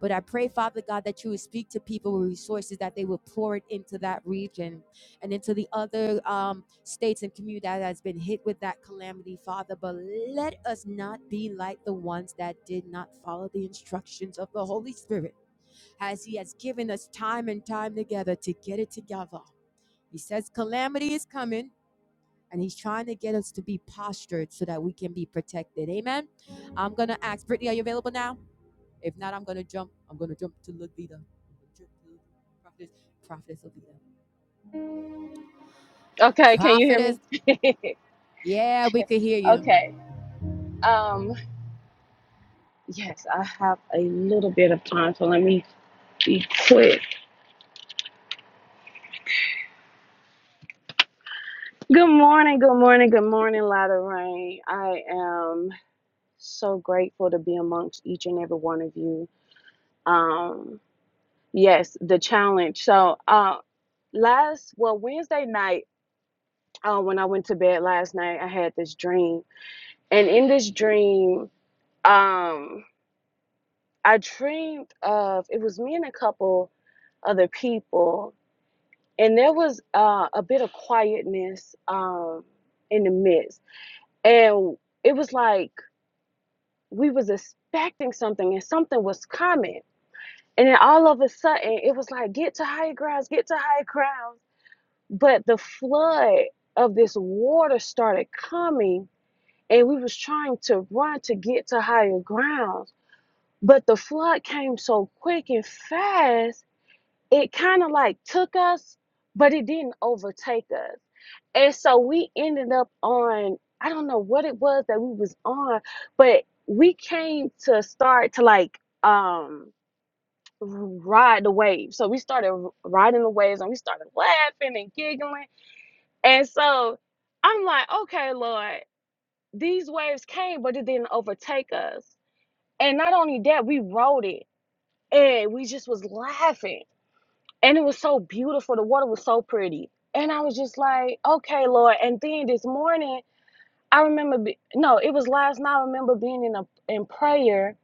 But I pray, Father God, that you would speak to people with resources that they would pour it into that region and into the other um, states and community that has been hit with that calamity, Father. But let us not be like the ones that did not follow the instructions of the Holy Spirit as He has given us time and time together to get it together. He says, Calamity is coming. And he's trying to get us to be postured so that we can be protected. Amen. I'm going to ask Brittany, are you available now? If not, I'm gonna jump. I'm gonna jump to Levita. I'm going prophetess, prophetess Levita.
Okay, can you hear me?
Prophetess, yeah, we could hear you.
okay. Um, yes, I have a little bit of time, so let me be quick. Good morning, good morning, good morning, Light of Rain. I am so grateful to be amongst each and every one of you. Um, yes, the challenge. So, uh, last, well, Wednesday night, uh, when I went to bed last night, I had this dream, and in this dream, um, I dreamed of it was me and a couple other people, and there was uh, a bit of quietness um, in the midst, and it was like we was expecting something, and something was coming, and then all of a sudden it was like get to high grounds, get to high grounds, but the flood of this water started coming, and we was trying to run to get to higher grounds, but the flood came so quick and fast it kind of like took us, but it didn't overtake us. And so we ended up on, I don't know what it was that we was on, but we came to start to like um ride the wave. So we started r- riding the waves and we started laughing and giggling. And so I'm like, okay, Lord, these waves came, but it didn't overtake us. And not only that, we rode it and we just was laughing and it was so beautiful. The water was so pretty. And I was just like, okay, Lord. And then this morning, I remember, be- no, it was last night. I remember being in a in prayer,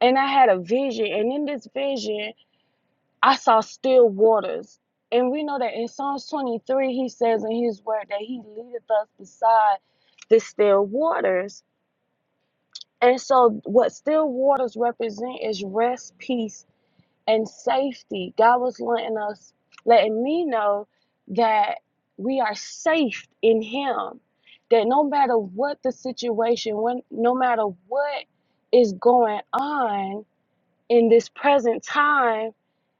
and I had a vision. And in this vision, I saw still waters. And we know that in Psalms 23, He says in His Word that He leadeth us beside the still waters. And so, what still waters represent is rest, peace, and safety. God was letting us, letting me know that we are safe in Him. That no matter what the situation, when no matter what is going on in this present time,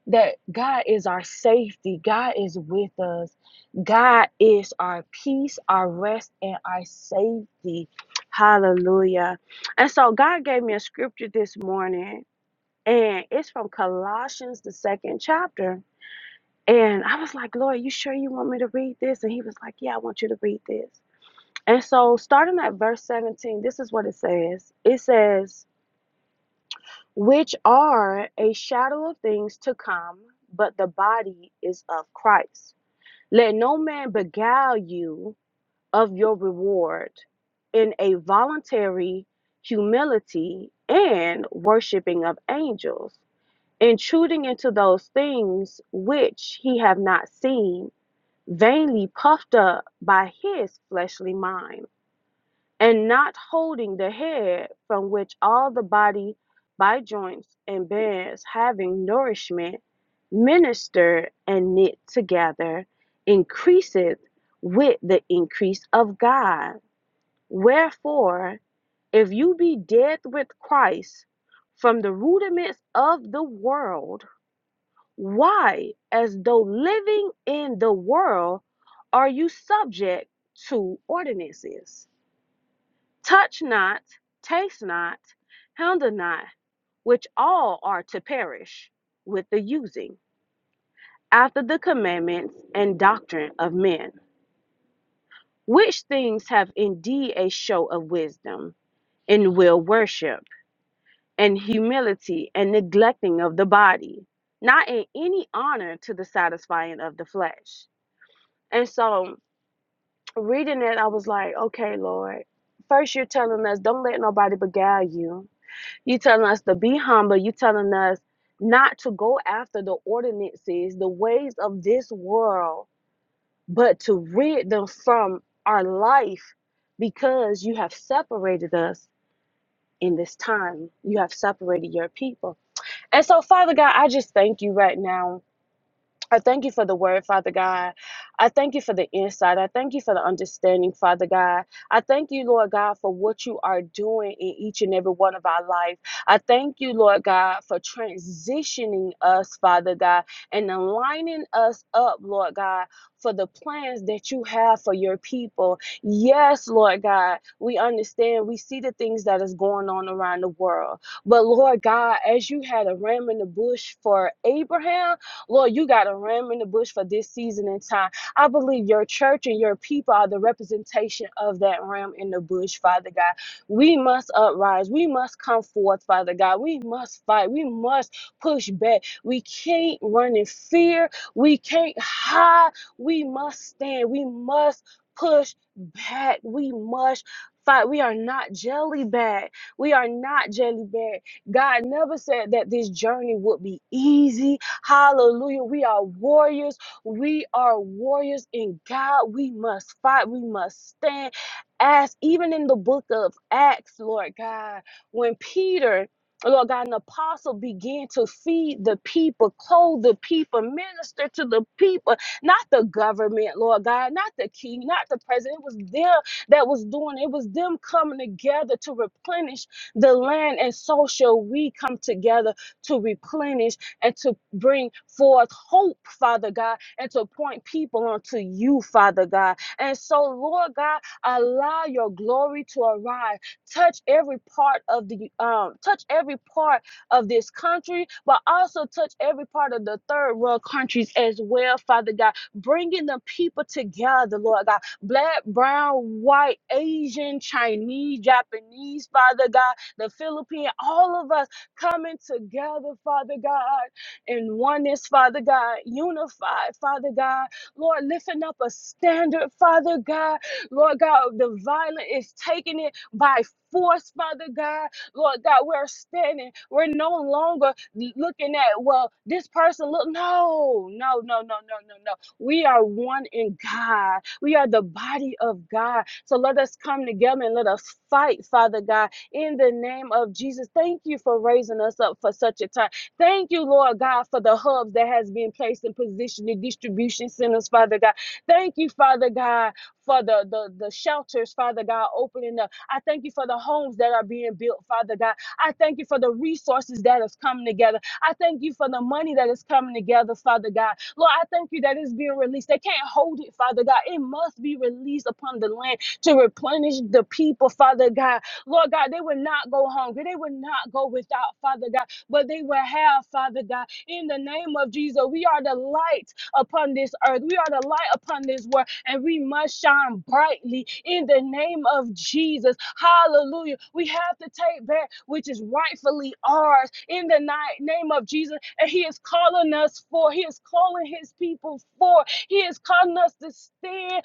that God is our safety. God is with us. God is our peace, our rest, and our safety. Hallelujah. And so God gave me a scripture this morning and it's from Colossians, the second chapter. And I was like, Lord, you sure you want me to read this? And he was like, Yeah, I want you to read this. And so, starting at verse 17, this is what it says it says, Which are a shadow of things to come, but the body is of Christ. Let no man beguile you of your reward in a voluntary humility and worshiping of angels intruding into those things which he have not seen, vainly puffed up by his fleshly mind, and not holding the head from which all the body by joints and bands having nourishment, ministered and knit together, increaseth with the increase of God. Wherefore, if you be dead with Christ from the rudiments of the world, why, as though living in the world, are you subject to ordinances? Touch not, taste not, handle not, which all are to perish with the using, after the commandments and doctrine of men, which things have indeed a show of wisdom, in will worship, and humility, and neglecting of the body, not in any honor to the satisfying of the flesh And so reading it, I was like, okay, Lord. First, you're telling us don't let nobody beguile you. you telling us to be humble. you telling us not to go after the ordinances, the ways of this world, but to rid them from our life because you have separated us in this time. You have separated your people. And so, Father God, I just thank you right now I thank you for the word, Father God. I thank you for the insight. I thank you for the understanding, Father God. I thank you, Lord God, for what you are doing in each and every one of our life. I thank you, Lord God, for transitioning us, Father God, and aligning us up, Lord God, for the plans that you have for your people. Yes, Lord God, we understand. We see the things that is going on around the world. But Lord God, as you had a ram in the bush for Abraham, Lord, you got a ram in the bush for this season and time. I believe your church and your people are the representation of that ram in the bush, Father God. We must uprise. We must come forth, Father God. We must fight. We must push back. We can't run in fear. We can't hide. We must stand. We must push back. We must fight. We are not jelly bag. We are not jelly bag. God never said that this journey would be easy. Hallelujah. We are warriors. We are warriors in God. We must fight. We must stand. As even in the book of Acts, Lord God, when Peter, Lord God, an apostle began to feed the people, clothe the people, minister to the people, not the government, Lord God, not the king, not the president. It was them that was doing it. It was them coming together to replenish the land, and so shall we come together to replenish and to bring forth hope, Father God, and to point people unto you, Father God. And so, Lord God, allow your glory to arise. Touch every part of the um, touch every part of this country, but also touch every part of the third world countries as well, Father God. Bringing the people together, Lord God. Black, brown, white, Asian, Chinese, Japanese, Father God the Philippines. all of us coming together, Father God, in oneness, Father God, unified, Father God. Lord, lifting up a standard, Father God. Lord God, the violent is taking it by force, Father God. Lord God, we're standing. We're no longer looking at, well, this person look. No, no, no, no, no, no, no. We are one in God. We are the body of God. So let us come together and let us fight, Father God in the name of Jesus. Thank you for raising us up for such a time. Thank you, Lord God, for the hubs that has been placed in position, the distribution centers, Father God. Thank you, Father God, for the, the, the shelters, Father God, opening up. I thank you for the homes that are being built, Father God. I thank you for the resources that is coming together. I thank you for the money that is coming together, Father God. Lord, I thank you that it's being released. They can't hold it, Father God. It must be released upon the land to replenish the people, Father God. Lord God, they would not go hungry. They would not go without, Father God, but they will have, Father God, in the name of Jesus. We are the light upon this earth. We are the light upon this world, and we must shine brightly in the name of Jesus. Hallelujah. We have to take back which is rightfully ours in the ni- name of Jesus. And He is calling us for, He is calling His people for, He is calling us to stand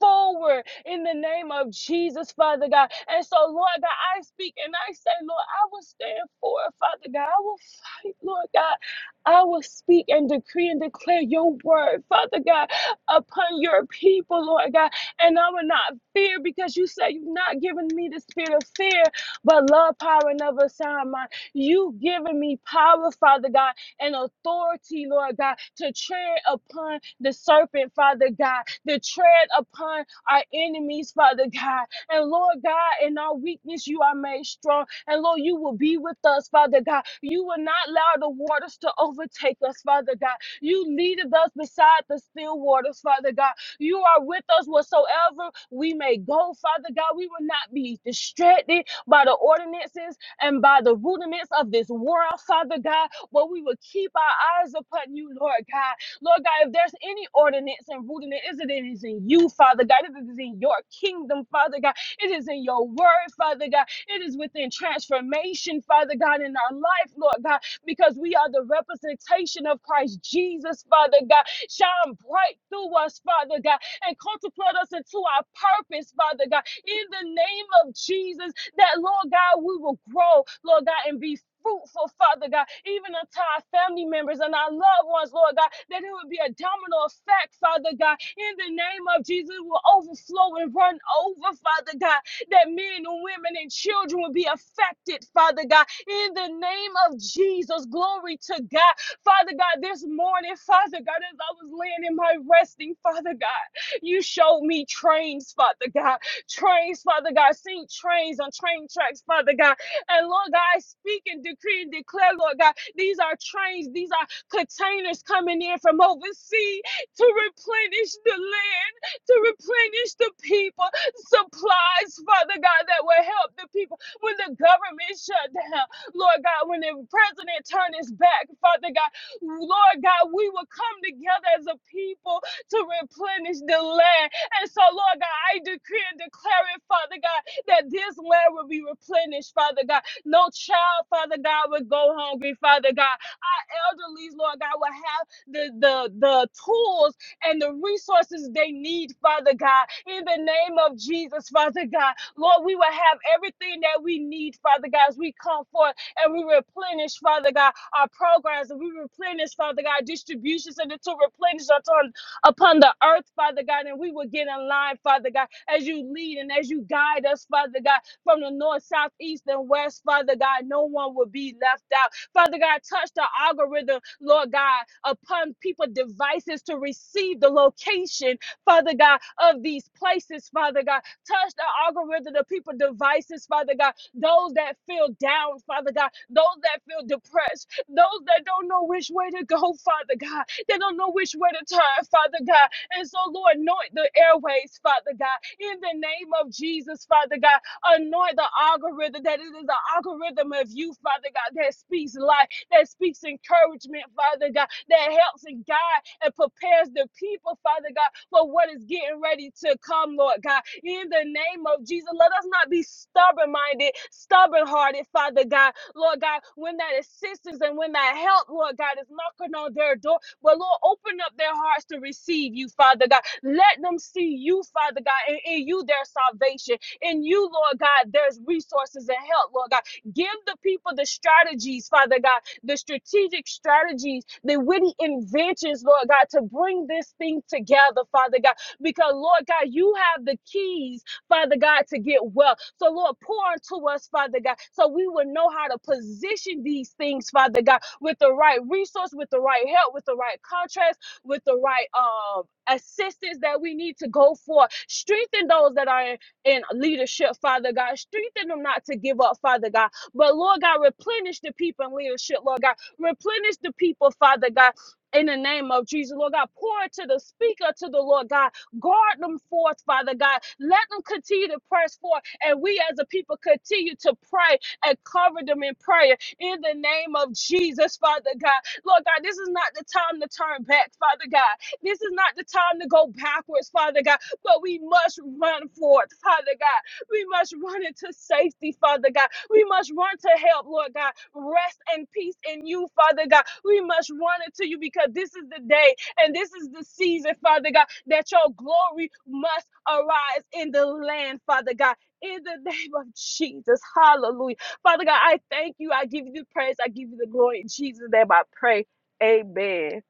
forward in the name of Jesus, Father God. And so, Lord God, I speak and I say, Lord, I will stand for it, Father God. I will fight, Lord God. I will speak and decree and declare your word, Father God, upon your people, Lord God. And I will not fear because you say you've not given me the spirit of fear, but love, power, and of a sound mind. You've given me power, Father God and authority, Lord God, to tread upon the serpent, Father God, to tread upon our enemies, Father God. And Lord God, in our weakness, you are made strong. And Lord, you will be with us, Father God. You will not allow the waters to overtake us, Father God. You leaded us beside the still waters, Father God. You are with us whatsoever we may go, Father God. We will not be distracted by the ordinances and by the rudiments of this world, Father God where we would keep our eyes upon you, Lord God. Lord God, if there's any ordinance and root in it, is it is in you, Father God. It is in your kingdom, Father God. It is in your word, Father God. It is within transformation, Father God, in our life, Lord God, because we are the representation of Christ Jesus, Father God. Shine bright through us, Father God, and contemplate us into our purpose, Father God. In the name of Jesus, that, Lord God, we will grow, Lord God, and be fruitful, Father God, even unto our family members and our loved ones, Lord God, that it would be a domino effect, Father God. In the name of Jesus, it will overflow and run over, Father God, that men and women and children will be affected, Father God. In the name of Jesus, glory to God. Father God, this morning, Father God, as I was laying in my resting, Father God, you showed me trains, Father God trains, Father God. Seen trains on train tracks, Father God. And Lord God, I speak and decree and declare, Lord God, these are trains, these are containers coming in from overseas to replenish the land, to replenish the people, supplies, Father God, that will help the people when the government shut down. Lord God, when the president turned his back, Father God, Lord God, we will come together as a people to replenish the land and so, Lord God, I decree and declare it, Father God, that this land will be replenished, Father God. No child, Father God, will go hungry, Father God. Our elderlies, Lord God, will have the, the, the tools and the resources they need, Father God. In the name of Jesus, Father God, Lord, we will have everything that we need, Father God, as we come forth and we replenish, Father God, our programs and we replenish, Father God, distributions and to replenish unto upon the earth, Father God, and we will get in line, Father God, as you lead and as you guide us, Father God, from the north, south, east, and west, Father God, no one will be left out. Father God, touch the algorithm, Lord God, upon people devices to receive the location, Father God, of these places, Father God. Touch the algorithm of people devices, Father God, those that feel down, Father God, those that feel depressed, those that don't know which way to go, Father God. They don't know which way to turn, Father God. And so, Lord, anoint the airways, Father God. In the name of Jesus, Father God, anoint the algorithm that it is the algorithm of you, Father God, that speaks life, that speaks encouragement, Father God, that helps and guides and prepares the people, Father God, for what is getting ready to come, Lord God. In the name of Jesus, let us not be stubborn minded, stubborn hearted, Father God. Lord God, when that assistance and when that help, Lord God, is knocking on their door, but Lord, open up their hearts to receive you, Father God. Let them see you, Father God, and in you their salvation. In you, Lord God, there's resources and help, Lord God. Give the people the strategies, Father God, the strategic strategies, the witty inventions, Lord God, to bring this thing together, Father God. Because, Lord God, you have the keys Father God, to get well. So, Lord, pour unto us, Father God, so we will know how to position these things, Father God, with the right resource, with the right help, with the right contrast, with the right um assistance that we need to go for. Strengthen those that are in, in leadership, Father God. Strengthen them not to give up, Father God. But Lord God, replenish the people in leadership, Lord God. Replenish the people, Father God. In the name of Jesus, Lord God, pour to the speaker, to the Lord God, Guard them forth, Father God. Let them continue to press forth, and we as a people continue to pray and cover them in prayer in the name of Jesus, Father God. Lord God, this is not the time to turn back, Father God. This is not the time to go backwards, Father God, but we must run forth, Father God. We must run into safety, Father God. We must run to help, Lord God. Rest and peace in you, Father God. We must run into you because this is the day and this is the season, Father God, that your glory must arise in the land, Father God. In the name of Jesus. Hallelujah. Father God, I thank you. I give you the praise. I give you the glory. In Jesus' name I pray. Amen.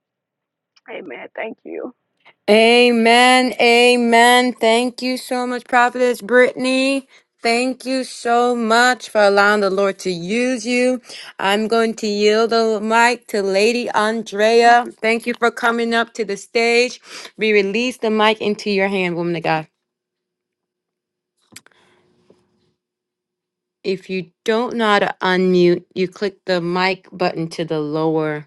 Amen. Thank you.
Amen. Amen. Thank you so much, Prophetess Brittany. Thank you so much for allowing the Lord to use you. I'm going to yield the mic to Lady Andrea. Thank you for coming up to the stage. We release the mic into your hand, woman of God. If you don't know how to unmute, you click the mic button to the lower.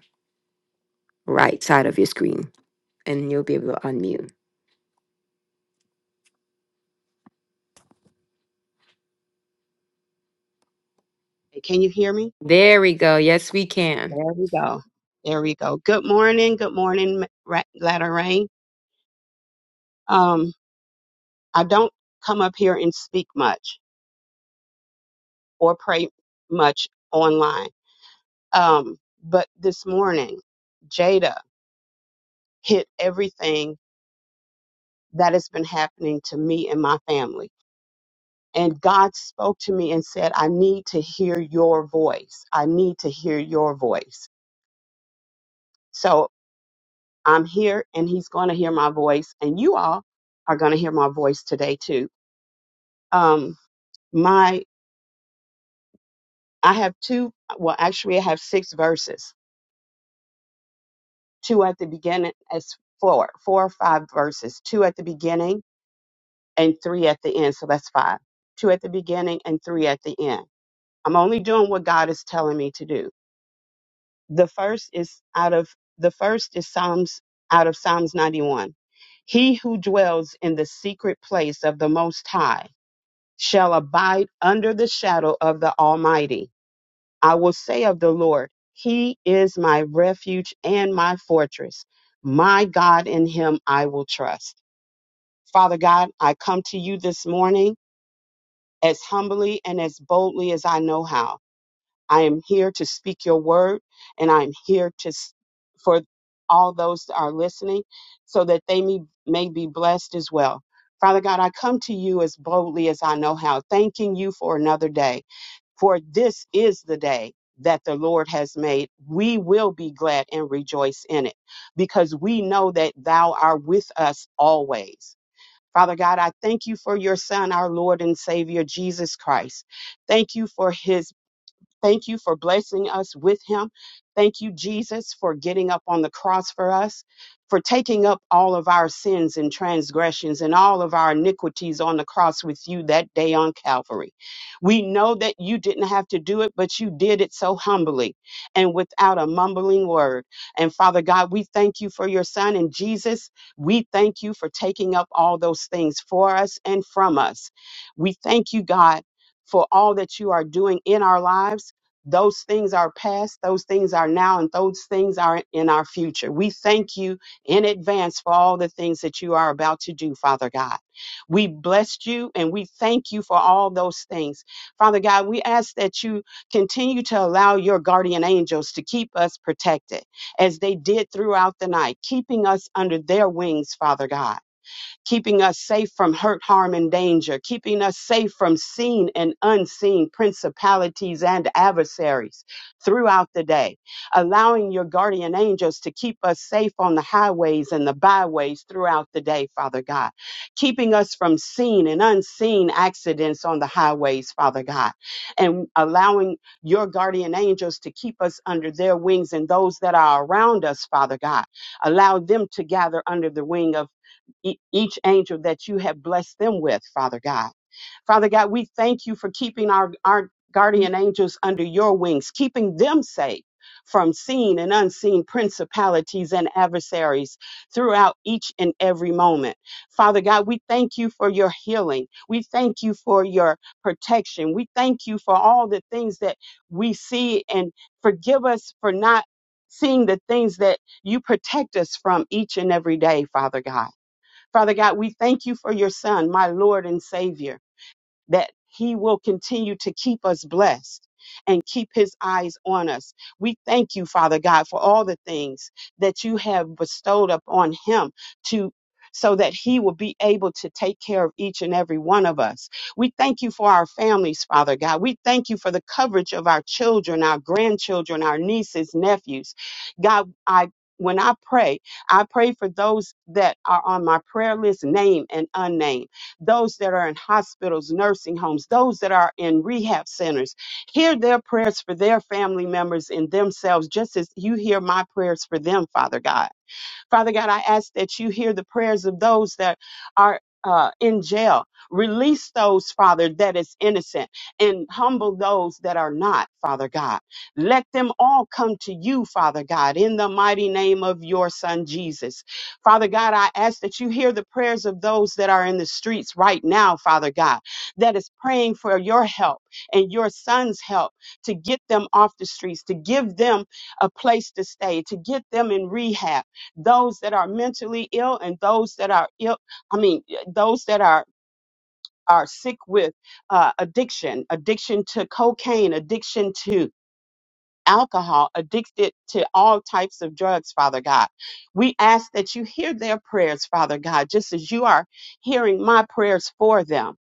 right side of your screen and you'll be able to unmute.
Hey, Can you hear me?
There we go. Yes, we can.
There we go. There we go. Good morning. Good morning, Ra- Latter Rain. Um, I don't come up here and speak much or pray much online. Um, but this morning, Jada hit everything that has been happening to me and my family. And God spoke to me and said, I need to hear your voice. I need to hear your voice. So I'm here and he's going to hear my voice and you all are going to hear my voice today too. Um my I have two well actually I have six verses. Two at the beginning as four, four or five verses. Two at the beginning and three at the end, so that's five. Two at the beginning and three at the end. I'm only doing what God is telling me to do. The first is out of the first is Psalms out of Psalms 91. He who dwells in the secret place of the most high shall abide under the shadow of the Almighty. I will say of the Lord, He is my refuge and my fortress. My God, in Him I will trust. Father God, I come to you this morning as humbly and as boldly as I know how. I am here to speak your word, and I'm here to s- for all those that are listening, so that they may, may be blessed as well. Father God, I come to you as boldly as I know how, thanking you for another day. For this is the day that the Lord has made. We will be glad and rejoice in it because we know that thou art with us always. Father God, I thank you for your son, our Lord and Savior, Jesus Christ. Thank you for his Thank you for blessing us with him. Thank you, Jesus, for getting up on the cross for us, for taking up all of our sins and transgressions and all of our iniquities on the cross with you that day on Calvary. We know that you didn't have to do it, but you did it so humbly and without a mumbling word. And Father God, we thank you for your son. And Jesus, we thank you for taking up all those things for us and from us. We thank you, God, for all that you are doing in our lives. Those things are past, those things are now, and those things are in our future. We thank you in advance for all the things that you are about to do, Father God. We bless you and we thank you for all those things. Father God, we ask that you continue to allow your guardian angels to keep us protected as they did throughout the night, keeping us under their wings, Father God keeping us safe from hurt, harm, and danger, keeping us safe from seen and unseen principalities and adversaries throughout the day, allowing your guardian angels to keep us safe on the highways and the byways throughout the day, Father God, keeping us from seen and unseen accidents on the highways, Father God, and allowing your guardian angels to keep us under their wings and those that are around us, Father God. Allow them to gather under the wing of e- each angel that you have blessed them with, Father God. Father God, we thank you for keeping our, our guardian angels under your wings, keeping them safe from seen and unseen principalities and adversaries throughout each and every moment. Father God, we thank you for your healing. We thank you for your protection. We thank you for all the things that we see and forgive us for not seeing the things that you protect us from each and every day, Father God. Father God, we thank you for your son, my Lord and Savior that he will continue to keep us blessed and keep his eyes on us. We thank you, Father God, for all the things that you have bestowed upon him to so that he will be able to take care of each and every one of us. We thank you for our families, Father God. We thank you for the coverage of our children, our grandchildren, our nieces, nephews. God, I when I pray, I pray for those that are on my prayer list, name and unnamed those that are in hospitals, nursing homes, those that are in rehab centers. Hear their prayers for their family members and themselves, just as you hear my prayers for them, Father God. Father God, I ask that you hear the prayers of those that are uh, in jail. Release those, Father, that is innocent and humble those that are not, Father God. Let them all come to you, Father God, in the mighty name of your Son Jesus. Father God, I ask that you hear the prayers of those that are in the streets right now, Father God, that is praying for your help and your Son's help to get them off the streets, to give them a place to stay, to get them in rehab those that are mentally ill and those that are ill i mean those that are are sick with uh, addiction addiction to cocaine addiction to alcohol, addicted to all types of drugs, Father God. We ask that you hear their prayers, Father God, just as you are hearing my prayers for them.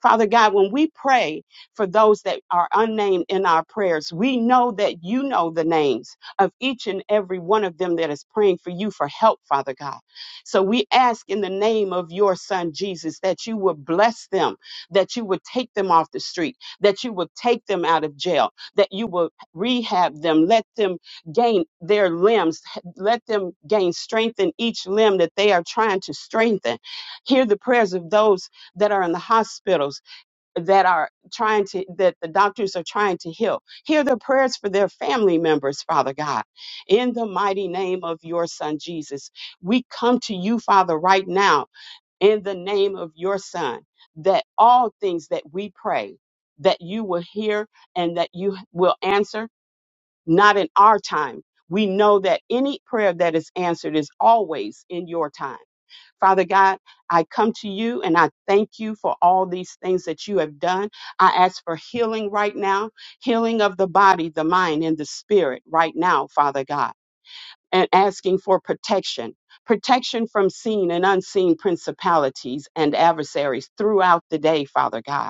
Father God, when we pray for those that are unnamed in our prayers, we know that you know the names of each and every one of them that is praying for you for help, Father God. So we ask in the name of your Son, Jesus, that you would bless them, that you would take them off the street, that you would take them out of jail, that you will rehab them, let them gain their limbs, let them gain strength in each limb that they are trying to strengthen. Hear the prayers of those that are in the hospitals that are trying to, that the doctors are trying to heal. Hear the prayers for their family members, Father God. In the mighty name of your Son, Jesus, we come to you, Father, right now, in the name of your Son, that all things that we pray, that you will hear and that you will answer not in our time. We know that any prayer that is answered is always in your time. Father God, I come to you and I thank you for all these things that you have done. I ask for healing right now, healing of the body, the mind, and the spirit right now, Father God, and asking for protection. Protection from seen and unseen principalities and adversaries throughout the day, Father God.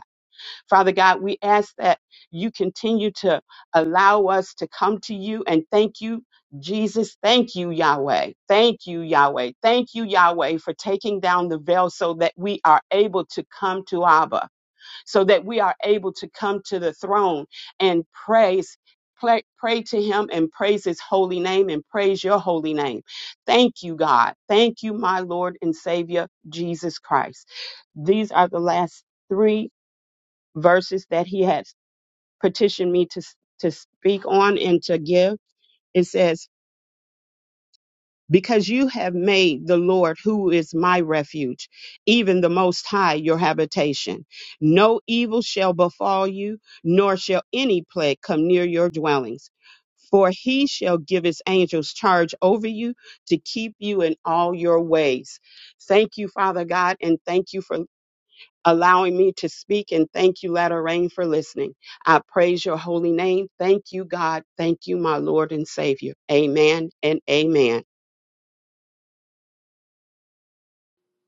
Father God, we ask that you continue to allow us to come to you and thank you, Jesus. Thank you, Yahweh. Thank you, Yahweh. Thank you, Yahweh, for taking down the veil so that we are able to come to Abba, so that we are able to come to the throne and praise. Pray, pray to him and praise his holy name and praise your holy name. Thank you, God. Thank you, my Lord and Savior, Jesus Christ. These are the last three verses that he had petitioned me to s- to speak on and to give. It says, "Because you have made the Lord, who is my refuge, even the Most High, your habitation, no evil shall befall you, nor shall any plague come near your dwellings." For he shall give his angels charge over you to keep you in all your ways. Thank you, Father God, and thank you for allowing me to speak. And thank you, Latter Rain, for listening. I praise your holy name. Thank you, God. Thank you, my Lord and Savior. Amen and amen.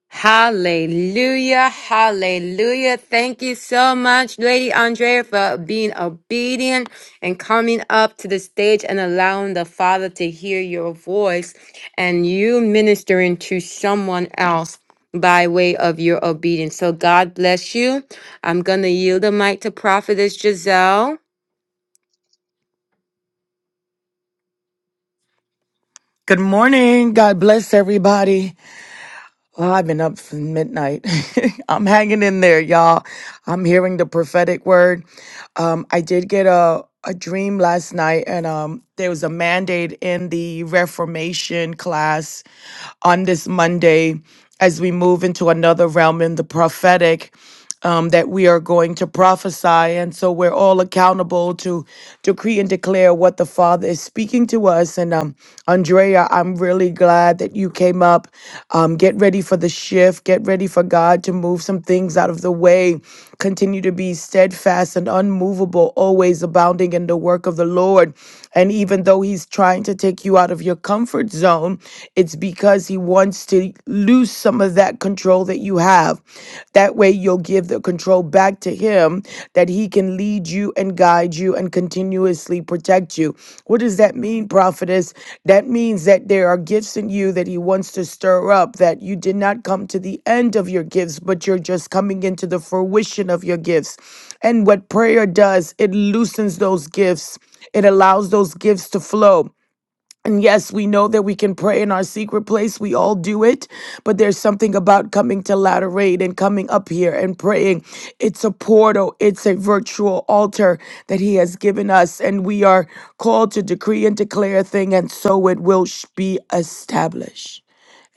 Hallelujah, hallelujah. Thank you so much, Lady Andrea, for being obedient and coming up to the stage and allowing the Father to hear your voice and you ministering to someone else by way of your obedience. So God bless you. I'm going to yield the mic to Prophetess Giselle.
Good morning. God bless everybody. Well, I've been up since midnight. I'm hanging in there, y'all. I'm hearing the prophetic word. Um, I did get a, a dream last night, and um, there was a mandate in the Reformation class on this Monday as we move into another realm in the prophetic um, that we are going to prophesy. And so we're all accountable to decree and declare what the Father is speaking to us. And um, Andrea, I'm really glad that you came up. Um, get ready for the shift, get ready for God to move some things out of the way. Continue to be steadfast and unmovable, always abounding in the work of the Lord. And even though He's trying to take you out of your comfort zone, it's because He wants to lose some of that control that you have. That way, you'll give the control back to Him that He can lead you and guide you you and continuously protect you. What does that mean, prophetess? That means that there are gifts in you that He wants to stir up, that you did not come to the end of your gifts, but you're just coming into the fruition of your gifts. And what prayer does, it loosens those gifts. It allows those gifts to flow. And yes, we know that we can pray in our secret place. We all do it. But there's something about coming to Latter Aid and coming up here and praying. It's a portal, it's a virtual altar that He has given us. And we are called to decree and declare a thing, and so it will sh- be established.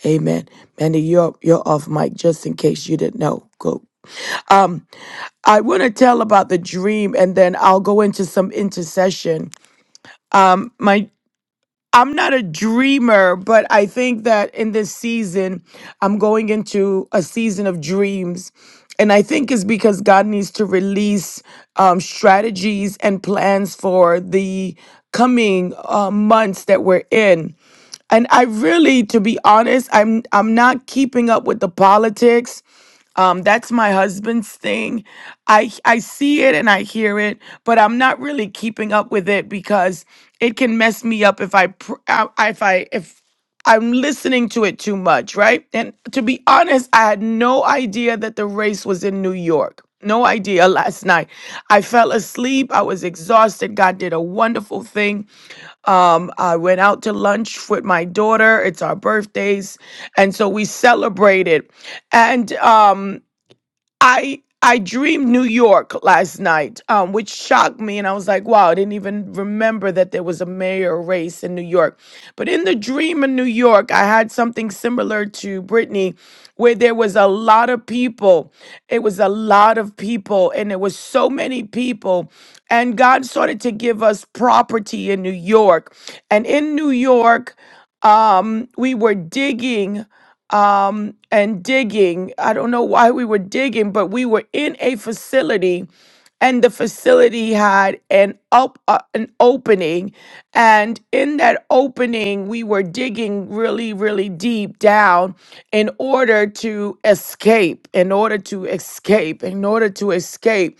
Amen. Mandy, you're, you're off mic just in case you didn't know. Go. I want to tell about the dream and then I'll go into some intercession. My. I'm not a dreamer, but I think that in this season, I'm going into a season of dreams. And I think it's because God needs to release um, strategies and plans for the coming uh, months that we're in and I really, to be honest, I'm I'm not keeping up with the politics. Um, that's my husband's thing. I I see it and I hear it, but I'm not really keeping up with it because it can mess me up if I pr- I- if I if I'm listening to it too much, right? And to be honest, I had no idea that the race was in New York. No idea last night. I fell asleep. I was exhausted. God did a wonderful thing. Um, I went out to lunch with my daughter. It's our birthdays. And so we celebrated. And um I I dreamed New York last night, um, which shocked me, and I was like, "Wow!" I didn't even remember that there was a mayor race in New York. But in the dream in New York, I had something similar to Brittany, where there was a lot of people. It was a lot of people, and it was so many people. And God started to give us property in New York, and in New York, um, we were digging um, and digging. I don't know why we were digging, but we were in a facility, and the facility had an up uh, an opening, and in that opening, we were digging really, really deep down in order to escape, in order to escape, in order to escape.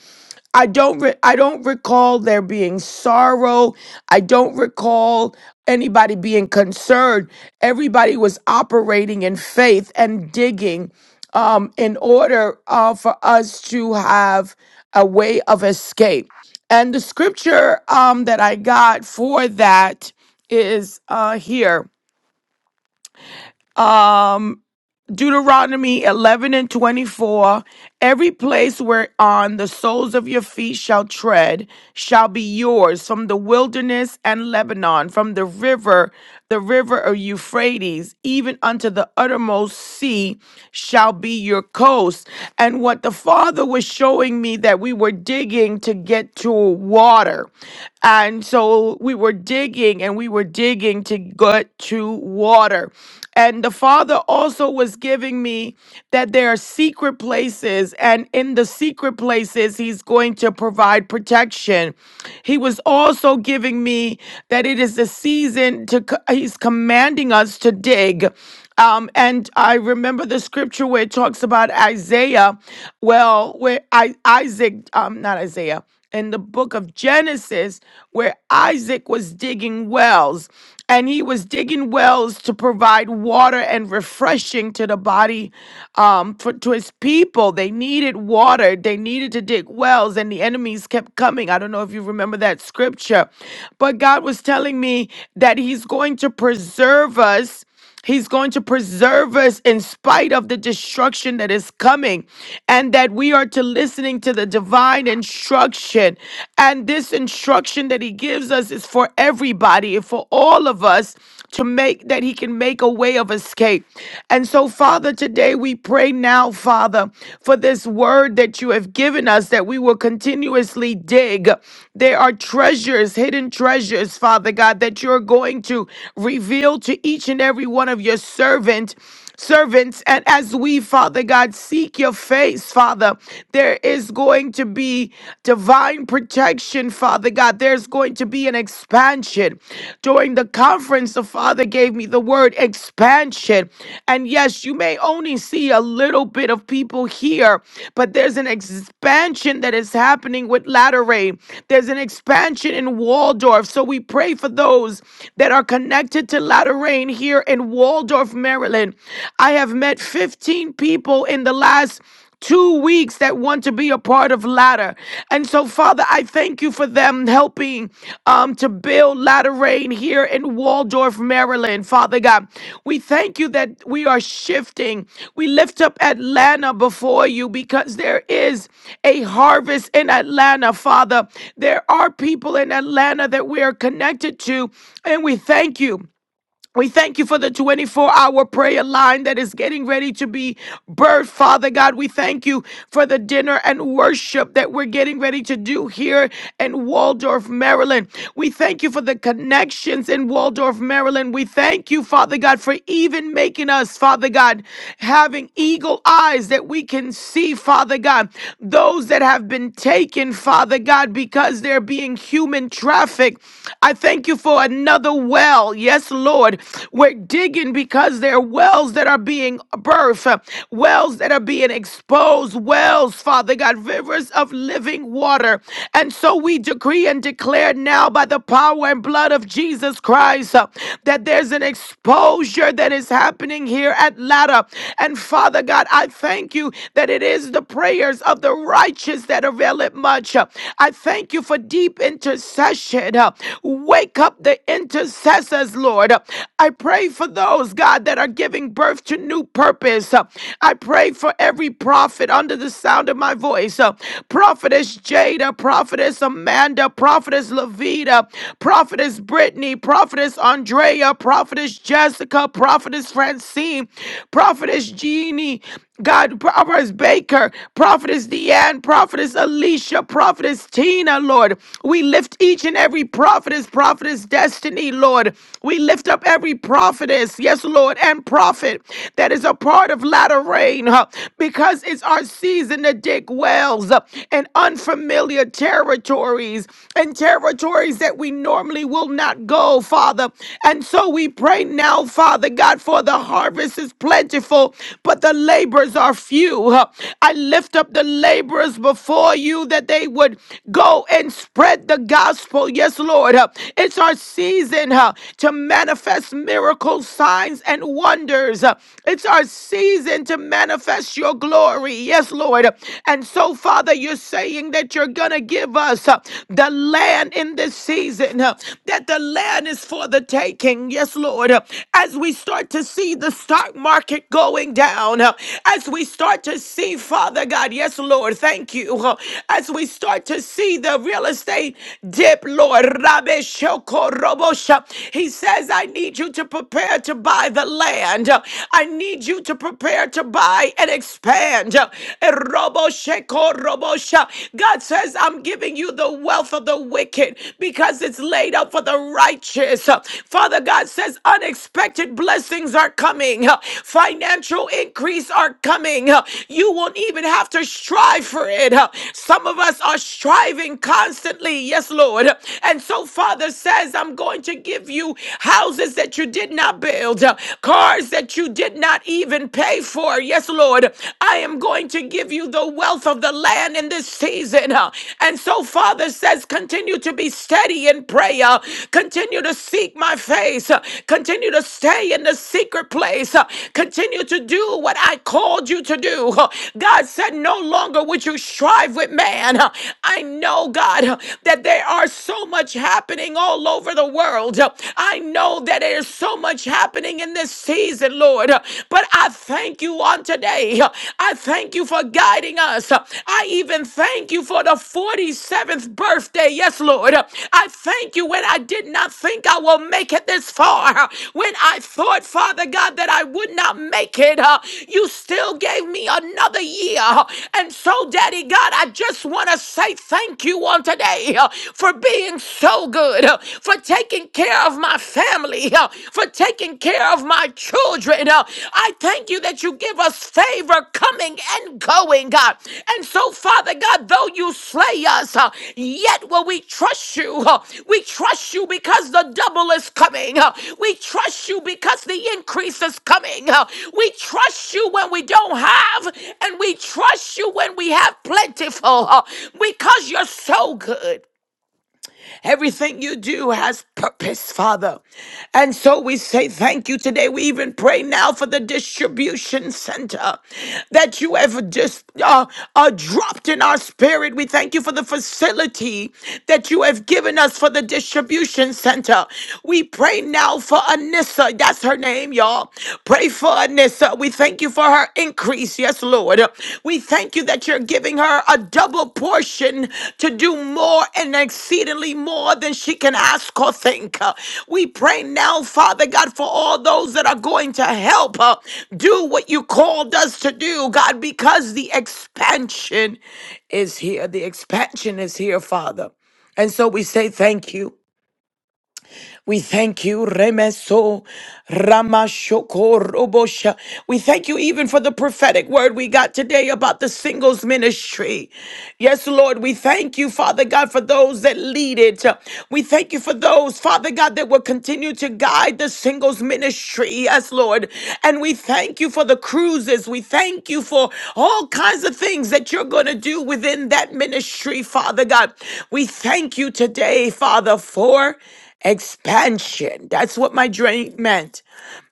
I don't re- I don't recall there being sorrow. I don't recall anybody being concerned. Everybody was operating in faith and digging um, in order uh, for us to have a way of escape. And the scripture um, that I got for that is uh, here. Um, Deuteronomy 11 and 24 Every place whereon the soles of your feet shall tread shall be yours from the wilderness and Lebanon, from the river, the river of Euphrates, even unto the uttermost sea shall be your coast. And what the Father was showing me that we were digging to get to water. And so we were digging and we were digging to get true water. And the Father also was giving me that there are secret places, and in the secret places, He's going to provide protection. He was also giving me that it is the season to, co- He's commanding us to dig. Um, and I remember the scripture where it talks about Isaiah. Well, where I Isaac, um, not Isaiah in the book of Genesis where Isaac was digging wells and he was digging wells to provide water and refreshing to the body um for, to his people they needed water they needed to dig wells and the enemies kept coming i don't know if you remember that scripture but God was telling me that he's going to preserve us He's going to preserve us in spite of the destruction that is coming, and that we are to listening to the divine instruction. And this instruction that he gives us is for everybody, for all of us to make that he can make a way of escape. And so, Father, today we pray now, Father, for this word that you have given us that we will continuously dig. There are treasures, hidden treasures, Father God, that you're going to reveal to each each and every one of your servant servants and as we father god seek your face father there is going to be divine protection father god there's going to be an expansion during the conference the father gave me the word expansion and yes you may only see a little bit of people here but there's an expansion that is happening with latter Rain. there's an expansion in waldorf so we pray for those that are connected to Latter. God here in Waldorf, Maryland. I have met 15 people in the last two weeks that want to be a part of Ladder. And so, Father, I thank you for them helping um, to build Ladder Rain here in Waldorf, Maryland. Father God, we thank you that we are shifting. We lift up Atlanta before you because there is a harvest in Atlanta, Father. There are people in Atlanta that we are connected to, and we thank you. We thank you for the 24 hour prayer line that is getting ready to be birthed, Father God. We thank you for the dinner and worship that we're getting ready to do here in Waldorf, Maryland. We thank you for the connections in Waldorf, Maryland. We thank you, Father God, for even making us, Father God, having eagle eyes that we can see, Father God, those that have been taken, Father God, because they're being human trafficked. I thank you for another well. Yes, Lord. We're digging because there are wells that are being birthed, uh, wells that are being exposed, wells, Father God, rivers of living water. And so we decree and declare now by the power and blood of Jesus Christ uh, that there's an exposure that is happening here at Latta. And Father God, I thank you that it is the prayers of the righteous that avail it much. Uh, I thank you for deep intercession. uh, Wake up the intercessor Says Lord. I pray for those, God, that are giving birth to new purpose. I pray for every prophet under the sound of my voice. Prophetess Jada, Prophetess Amanda, Prophetess Levita, Prophetess Brittany, Prophetess Andrea, Prophetess Jessica, Prophetess Francine, Prophetess Jeannie, God, Prophetess Baker, Prophetess Deanne, Prophetess Alicia, Prophetess Tina, Lord. We lift each and every prophetess, prophetess destiny, Lord. We lift up every prophetess, yes, Lord, and prophet that is a part of latter rain huh, because it's our season to dig wells uh, in unfamiliar territories and territories that we normally will not go, Father. And so we pray now, Father. Father God, for the harvest is plentiful, but the laborers are few. I lift up the laborers before you that they would go and spread the gospel. Yes, Lord. It's our season uh, to manifest miracles, signs, and wonders. It's our season to manifest your glory. Yes, Lord. And so, Father, you're saying that you're going to give us uh, the land in this season. uh, that the land is for the taking. Yes, Lord. As we start to see the stock market going down, as we start to see, Father God, yes, Lord, thank you. As we start to see the real estate dip, Lord, Rabbe Shoko Robosha, he says, I need you to prepare to buy the land. I need you to prepare to buy and expand. Eh, Robo Sheko Robosha. God says, I'm I'm giving you the wealth of the wicked because it's laid up for the righteous. Father God says unexpected blessings are coming, financial increase are coming. You won't even have to strive for it. Some of us are striving constantly. Yes, Lord. And so, Father says, I'm going to give you houses that you did not build, cars that you did not even pay for. Yes, Lord. I am going going to give you the wealth of the land in this season. uh, And so, Father says, continue to be steady in prayer, continue to seek my face, uh, continue to stay in the secret place, uh, continue to do what I called you to do. Uh, God said, No longer would you strive with man. Uh, I know, God, uh, that there are so much happening all over the world. Uh, I know that there's so much happening in this season, Lord. Lord. But I thank you on today. I thank you for guiding us. I even thank you for the 47th birthday. Yes, Lord. I thank you when I did not think I will make it this far. When I thought, Father God, that I would not make it, uh, you still gave me another year. And so, Daddy God, I just want to say thank you on today uh, for being so good, uh, for taking care of of my family, uh, for taking care of my children. uh. I thank you that you give us favor coming and going, God. And so, Father God, though you slay us, uh, yet will we trust you. uh. We trust you because the double is coming. uh. We trust you because the increase is coming. uh. We trust you when we don't have, and we trust you when we have plentiful uh, because you're so good. Everything you do has purpose, Father. And so we say thank you today. We even pray now for the distribution center that you have just uh, uh, dropped in our spirit. We thank you for the facility that you have given us for the distribution center. We pray now for Anissa. That's her name, y'all. Pray for Anissa. We thank you for her increase. Yes, Lord. We thank you that you're giving her a double portion to do more and exceedingly more than she can ask or think. We pray now, Father God, for all those that are going to help her do what you called us to do, God, because the expansion is here. The expansion is here, Father. And so we say thank you. We thank you, Remeso, Ramashoko, We thank you even for the prophetic word we got today about the singles ministry. Yes, Lord, we thank you, Father God, for those that lead it. We thank you for those, Father God, that will continue to guide the singles ministry. Yes, Lord. And we thank you for the cruises. We thank you for all kinds of things that you're going to do within that ministry, Father God. We thank you today, Father, for. Expansion. That's what my dream meant.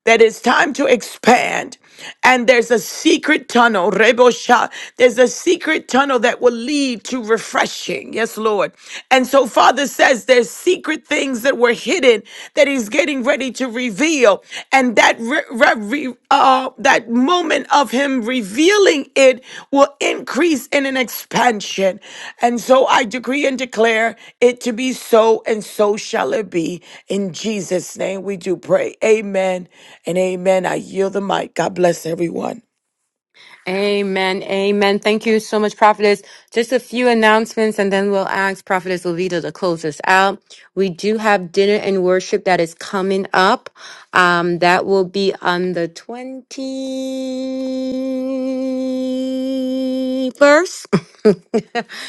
That it's time to expand. And there's a secret tunnel, Rebosha. There's a secret tunnel that will lead to refreshing. Yes, Lord. And so Father says there's secret things that were hidden that He's getting ready to reveal and that re- re- re- uh, that moment of him revealing it will increase in an expansion. And so I decree and declare it to be so, and so shall it be. In Jesus' name, we do pray. Amen and amen. I yield the mic. God bless everyone.
Amen. Amen. Thank you so much, Prophetess. Just a few announcements and then we'll ask Prophetess Levita to close us out. We do have dinner and worship that is coming up. Um, that will be on the 21st.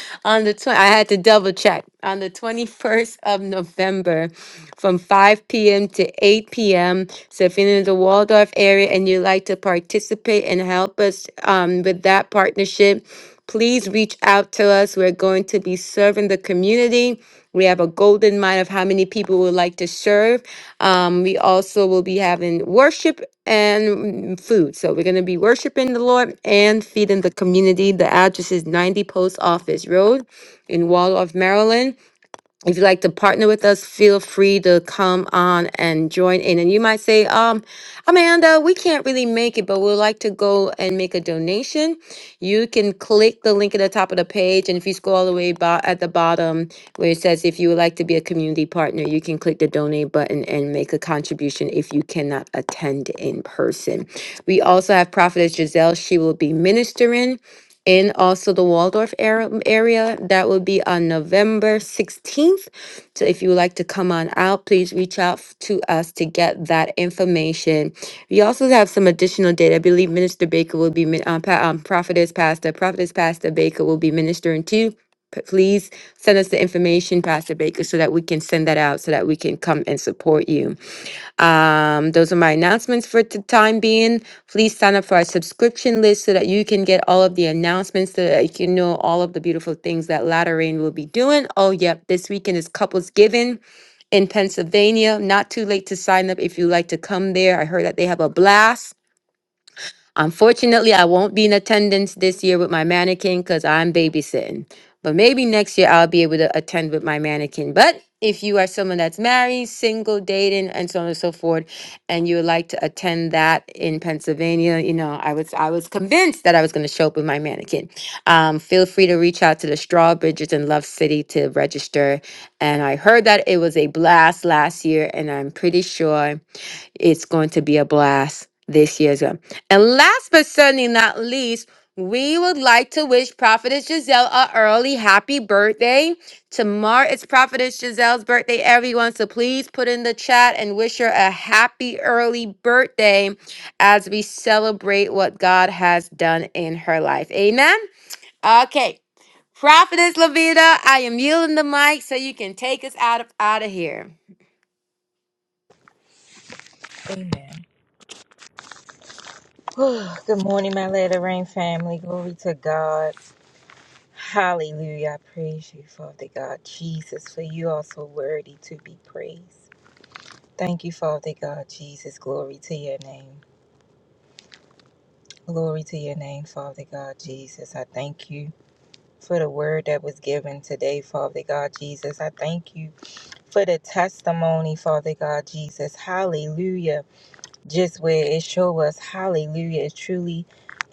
on the 20, I had to double check. On the 21st of November from 5 p.m. to 8 p.m. So if you're in the Waldorf area and you'd like to participate and help us um, with that partnership, please reach out to us. We're going to be serving the community. We have a golden mind of how many people would like to serve. Um, we also will be having worship and mm, food. So we're going to be worshiping the Lord and feeding the community. The address is 90 Post Office Road in Waldorf, Maryland. If you'd like to partner with us, feel free to come on and join in. And you might say, um, Amanda, we can't really make it, but we'd like to go and make a donation. You can click the link at the top of the page. And if you scroll all the way about at the bottom where it says, if you would like to be a community partner, you can click the donate button and make a contribution if you cannot attend in person. We also have Prophetess Giselle. She will be ministering in also the Waldorf ar- area. That will be on November 16th. So if you would like to come on out, please reach out f- to us to get that information. We also have some additional data. I believe Minister Baker will be, min- um, pa- um, Prophetess Pastor, Prophetess Pastor Baker will be ministering too. P- Please send us the information, Pastor Baker, so that we can send that out so that we can come and support you. Um, those are my announcements for the time being. Please sign up for our subscription list so that you can get all of the announcements so that you can know all of the beautiful things that Latter Rain will be doing. Oh, yep, this weekend is Couples Giving in Pennsylvania. Not too late to sign up if you like to come there. I heard that they have a blast. Unfortunately, I won't be in attendance this year with my mannequin because I'm babysitting. But maybe next year I'll be able to attend with my mannequin. But if you are someone that's married, single, dating, and so on and so forth, and you would like to attend that in Pennsylvania, you know, I was I was convinced that I was going to show up with my mannequin. Um, feel free to reach out to the Strawbridges in Love City to register. And I heard that it was a blast last year, and I'm pretty sure it's going to be a blast this year as well. And last but certainly not least, we would like to wish Prophetess Giselle a early happy birthday. Tomorrow it's Prophetess Giselle's birthday, everyone. So please put in the chat and wish her a happy early birthday as we celebrate what God has done in her life. Amen. Okay. Prophetess Lavita, I am yielding the mic so you can take us out of out of here.
Amen. Oh, Good morning, my Let It Rain family. Glory to God. Hallelujah. I praise you, Father God Jesus, for you are so worthy to be praised. Thank you, Father God Jesus. Glory to your name. Glory to your name, Father God Jesus. I thank you for the word that was given today, Father God Jesus. I thank you for the testimony, Father God Jesus. Hallelujah just where it show us hallelujah it's truly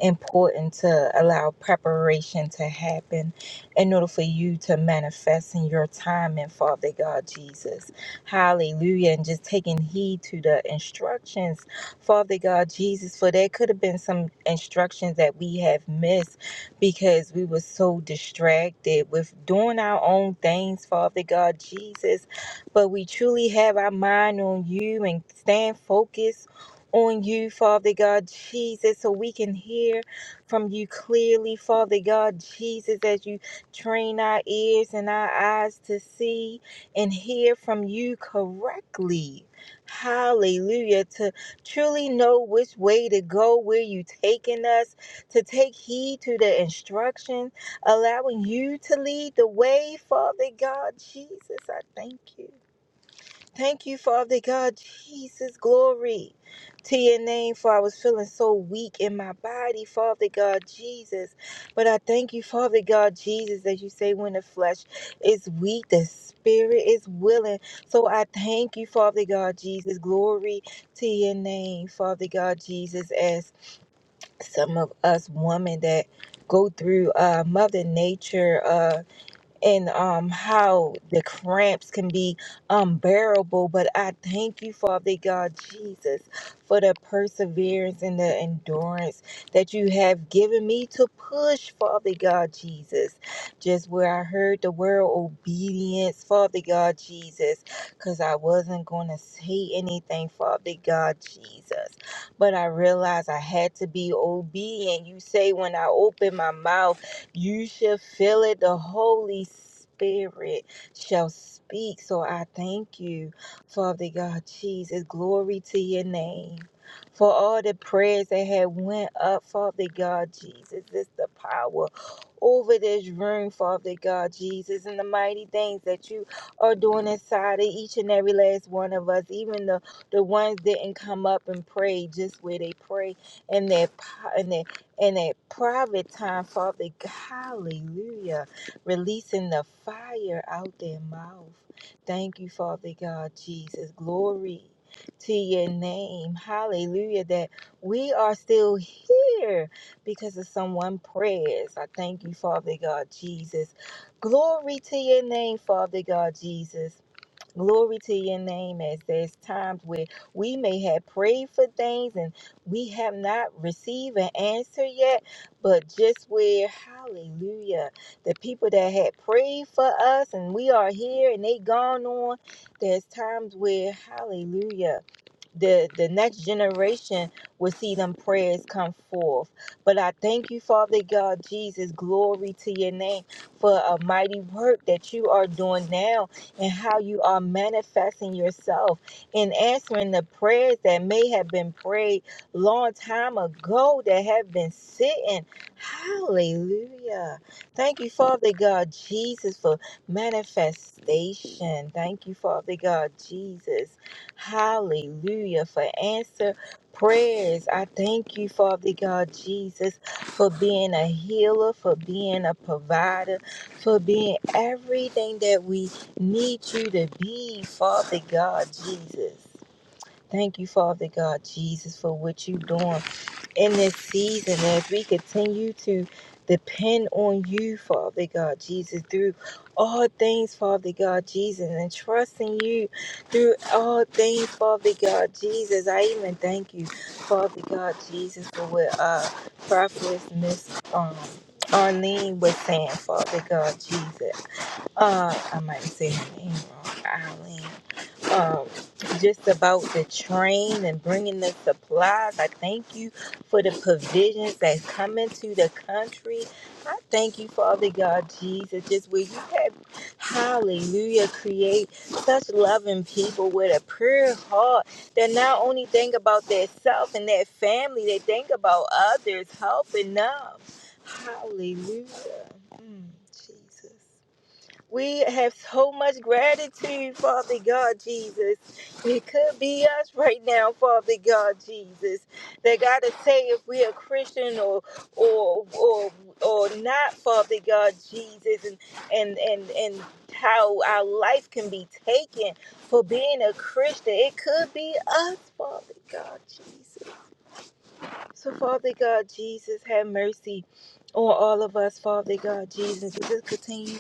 important to allow preparation to happen in order for you to manifest in your time and father god jesus hallelujah and just taking heed to the instructions father god jesus for there could have been some instructions that we have missed because we were so distracted with doing our own things father god jesus but we truly have our mind on you and stand focused on you, Father God Jesus, so we can hear from you clearly, Father God Jesus, as you train our ears and our eyes to see and hear from you correctly. Hallelujah. To truly know which way to go, where you taking us, to take heed to the instruction, allowing you to lead the way, Father God Jesus. I thank you. Thank you, Father God. Jesus, glory to your name. For I was feeling so weak in my body, Father God, Jesus. But I thank you, Father God, Jesus, as you say, when the flesh is weak, the spirit is willing. So I thank you, Father God, Jesus. Glory to your name, Father God, Jesus, as some of us women that go through uh, Mother Nature. Uh, and um, how the cramps can be unbearable. But I thank you, Father God Jesus, for the perseverance and the endurance that you have given me to push, Father God Jesus. Just where I heard the word obedience, Father God Jesus, because I wasn't going to say anything, Father God Jesus. But I realized I had to be obedient. You say, when I open my mouth, you shall feel it. The Holy Spirit shall speak. So I thank you, Father God Jesus. Glory to your name. For all the prayers that had went up, Father God Jesus, this the power over this room, Father God Jesus, and the mighty things that you are doing inside of each and every last one of us, even the the ones that didn't come up and pray just where they pray and their po- and their in a private time, Father. God, Hallelujah. Releasing the fire out their mouth. Thank you, Father God, Jesus. Glory to your name. Hallelujah. That we are still here because of someone prayers. I thank you, Father God, Jesus. Glory to your name, Father God, Jesus. Glory to your name as there's times where we may have prayed for things and we have not received an answer yet, but just where, hallelujah, the people that had prayed for us and we are here and they gone on, there's times where, hallelujah the the next generation will see them prayers come forth. But I thank you, Father God, Jesus, glory to your name for a mighty work that you are doing now and how you are manifesting yourself in answering the prayers that may have been prayed long time ago that have been sitting. Hallelujah. Thank you, Father God, Jesus, for manifestation. Thank you, Father God, Jesus. Hallelujah for answer prayers. I thank you, Father God Jesus, for being a healer, for being a provider, for being everything that we need you to be, Father God Jesus. Thank you, Father God Jesus, for what you're doing in this season as we continue to depend on you, Father God Jesus, through all things, Father God Jesus, and trust in you through all things, Father God Jesus. I even thank you, Father God Jesus, for what uh, Prophetess Miss um, Arlene was saying, Father God Jesus. Uh, I might say her name wrong, Arlene um, just about the train and bringing the supplies. I thank you for the provisions that's coming to the country. I thank you, Father God Jesus, just where you have, hallelujah, create such loving people with a pure heart that not only think about their self and their family, they think about others, helping them. Hallelujah. Mm, Jesus. We have so much gratitude, Father God Jesus. It could be us right now, Father God Jesus. They gotta say if we are Christian or or or or not, Father God Jesus, and and and and how our life can be taken for being a Christian. It could be us, Father God Jesus. So, Father God, Jesus, have mercy on all of us, Father God, Jesus. Jesus, continue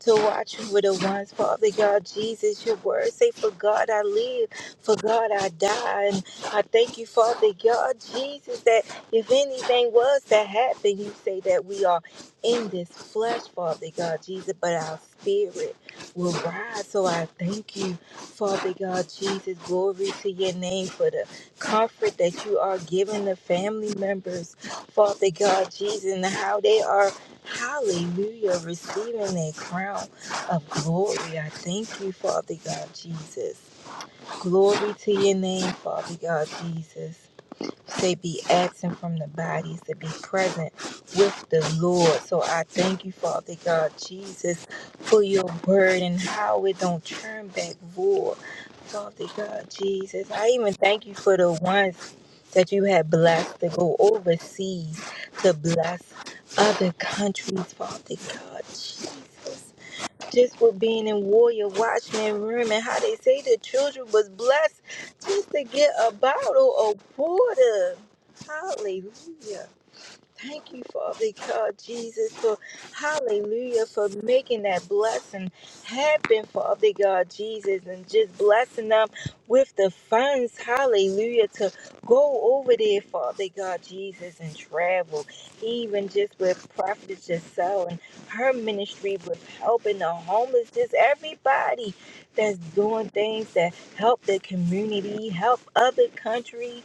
to watch over the ones, Father God, Jesus. Your word say, For God I live, for God I die. And I thank you, Father God, Jesus, that if anything was to happen, you say that we are in this flesh, Father God, Jesus, but our spirit will rise. So I thank you, Father God, Jesus. Glory to your name for the comfort that you are giving the family members, Father God Jesus, and how they are, hallelujah, receiving their crown of glory. I thank you, Father God Jesus. Glory to your name, Father God Jesus. They be absent from the bodies to be present with the Lord. So I thank you, Father God Jesus, for your word and how it don't turn back void. Father God Jesus, I even thank you for the ones that you have blessed to go overseas to bless other countries, Father God Jesus just for being in warrior watchman room and how they say the children was blessed just to get a bottle of water. Hallelujah. Thank you, Father God, Jesus, for hallelujah, for making that blessing happen, Father God, Jesus, and just blessing them with the funds, hallelujah, to go over there, Father God, Jesus, and travel, even just with Prophetess Giselle and her ministry with helping the homeless, just everybody that's doing things that help the community, help other countries,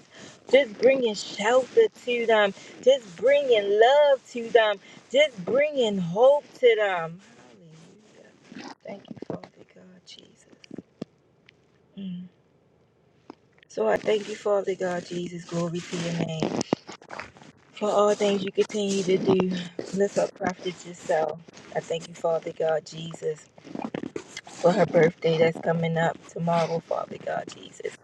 just bringing shelter to them just bringing love to them, just bringing hope to them. Hallelujah. Thank you, Father God, Jesus. Mm. So I thank you, Father God, Jesus. Glory to your name. For all things you continue to do. Lift up prophet yourself. I thank you, Father God, Jesus. for her birthday that's coming up tomorrow, Father God Jesus.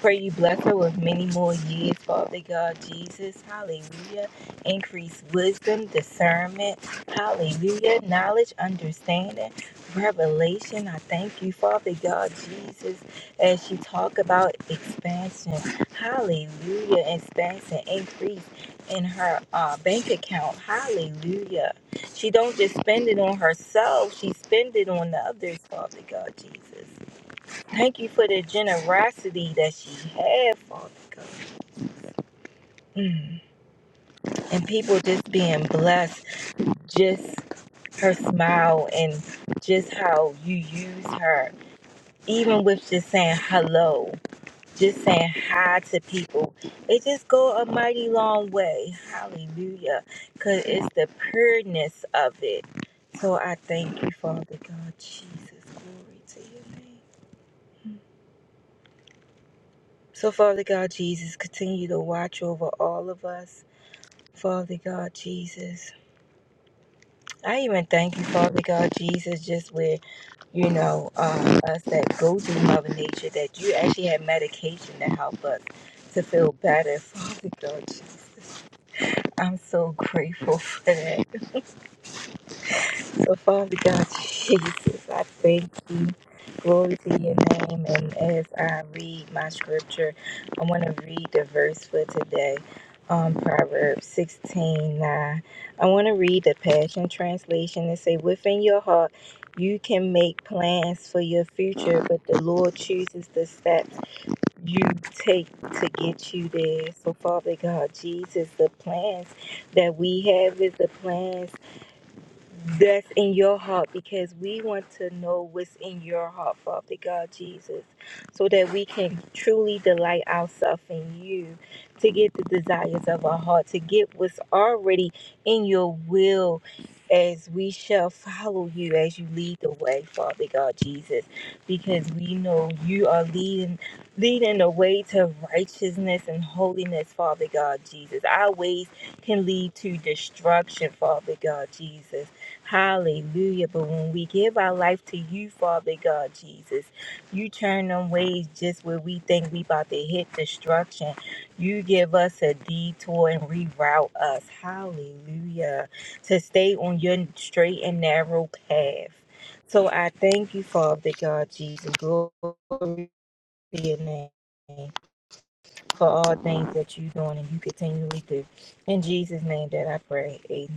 Pray you bless her with many more years, Father God Jesus. Hallelujah. Increase wisdom, discernment. Hallelujah. Knowledge, understanding, revelation. I thank you, Father God Jesus, as she talk about expansion. Hallelujah. Expansion, increase in her uh, bank account. Hallelujah. She don't just spend it on herself. She spend it on the others, Father God Jesus. Thank you for the generosity that she had, Father God. Mm. And people just being blessed. Just her smile and just how you use her. Even with just saying hello just saying hi to people. It just go a mighty long way. Hallelujah. Cause it's the pureness of it. So I thank you, Father God Jesus. Glory to your name. So Father God Jesus, continue to watch over all of us. Father God Jesus. I even thank you, Father God Jesus, just with, you know, um, us that go through Mother Nature, that you actually have medication to help us to feel better, Father God Jesus. I'm so grateful for that. So, Father God, Jesus, I thank you. Glory to your name. And as I read my scripture, I want to read the verse for today. Um, Proverbs 16:9. I want to read the Passion Translation and say, Within your heart, you can make plans for your future, but the Lord chooses the steps you take to get you there. So, Father God, Jesus, the plans that we have is the plans that's in your heart because we want to know what's in your heart, Father God Jesus, so that we can truly delight ourselves in you to get the desires of our heart, to get what's already in your will as we shall follow you as you lead the way, Father God Jesus, because we know you are leading leading the way to righteousness and holiness, Father God Jesus. Our ways can lead to destruction, Father God Jesus. Hallelujah. But when we give our life to you, Father God, Jesus, you turn them ways just where we think we about to hit destruction. You give us a detour and reroute us. Hallelujah. To stay on your straight and narrow path. So I thank you, Father God, Jesus. Glory to your name for all things that you're doing and you continually do. In Jesus' name that I pray. Amen.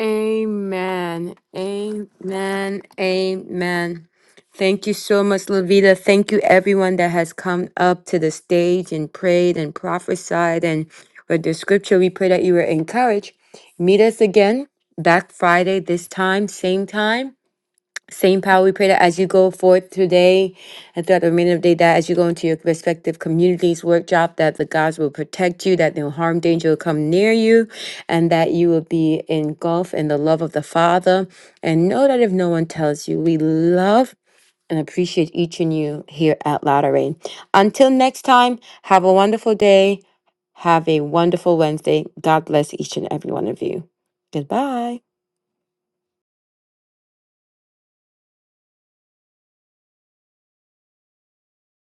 Amen. Amen. Amen. Thank you so much, Lavita. Thank you, everyone that has come up to the stage and prayed and prophesied and read the scripture. We pray that you were encouraged. Meet us again back Friday, this time, same time. Same power, we pray that as you go forth today and throughout the remainder of the day, that as you go into your respective communities, work job, that the gods will protect you, that no harm, danger will come near you, and that you will be engulfed in the love of the Father. And know that if no one tells you, we love and appreciate each and you here at Latter Rain. Until next time, have a wonderful day. Have a wonderful Wednesday. God bless each and every one of you. Goodbye.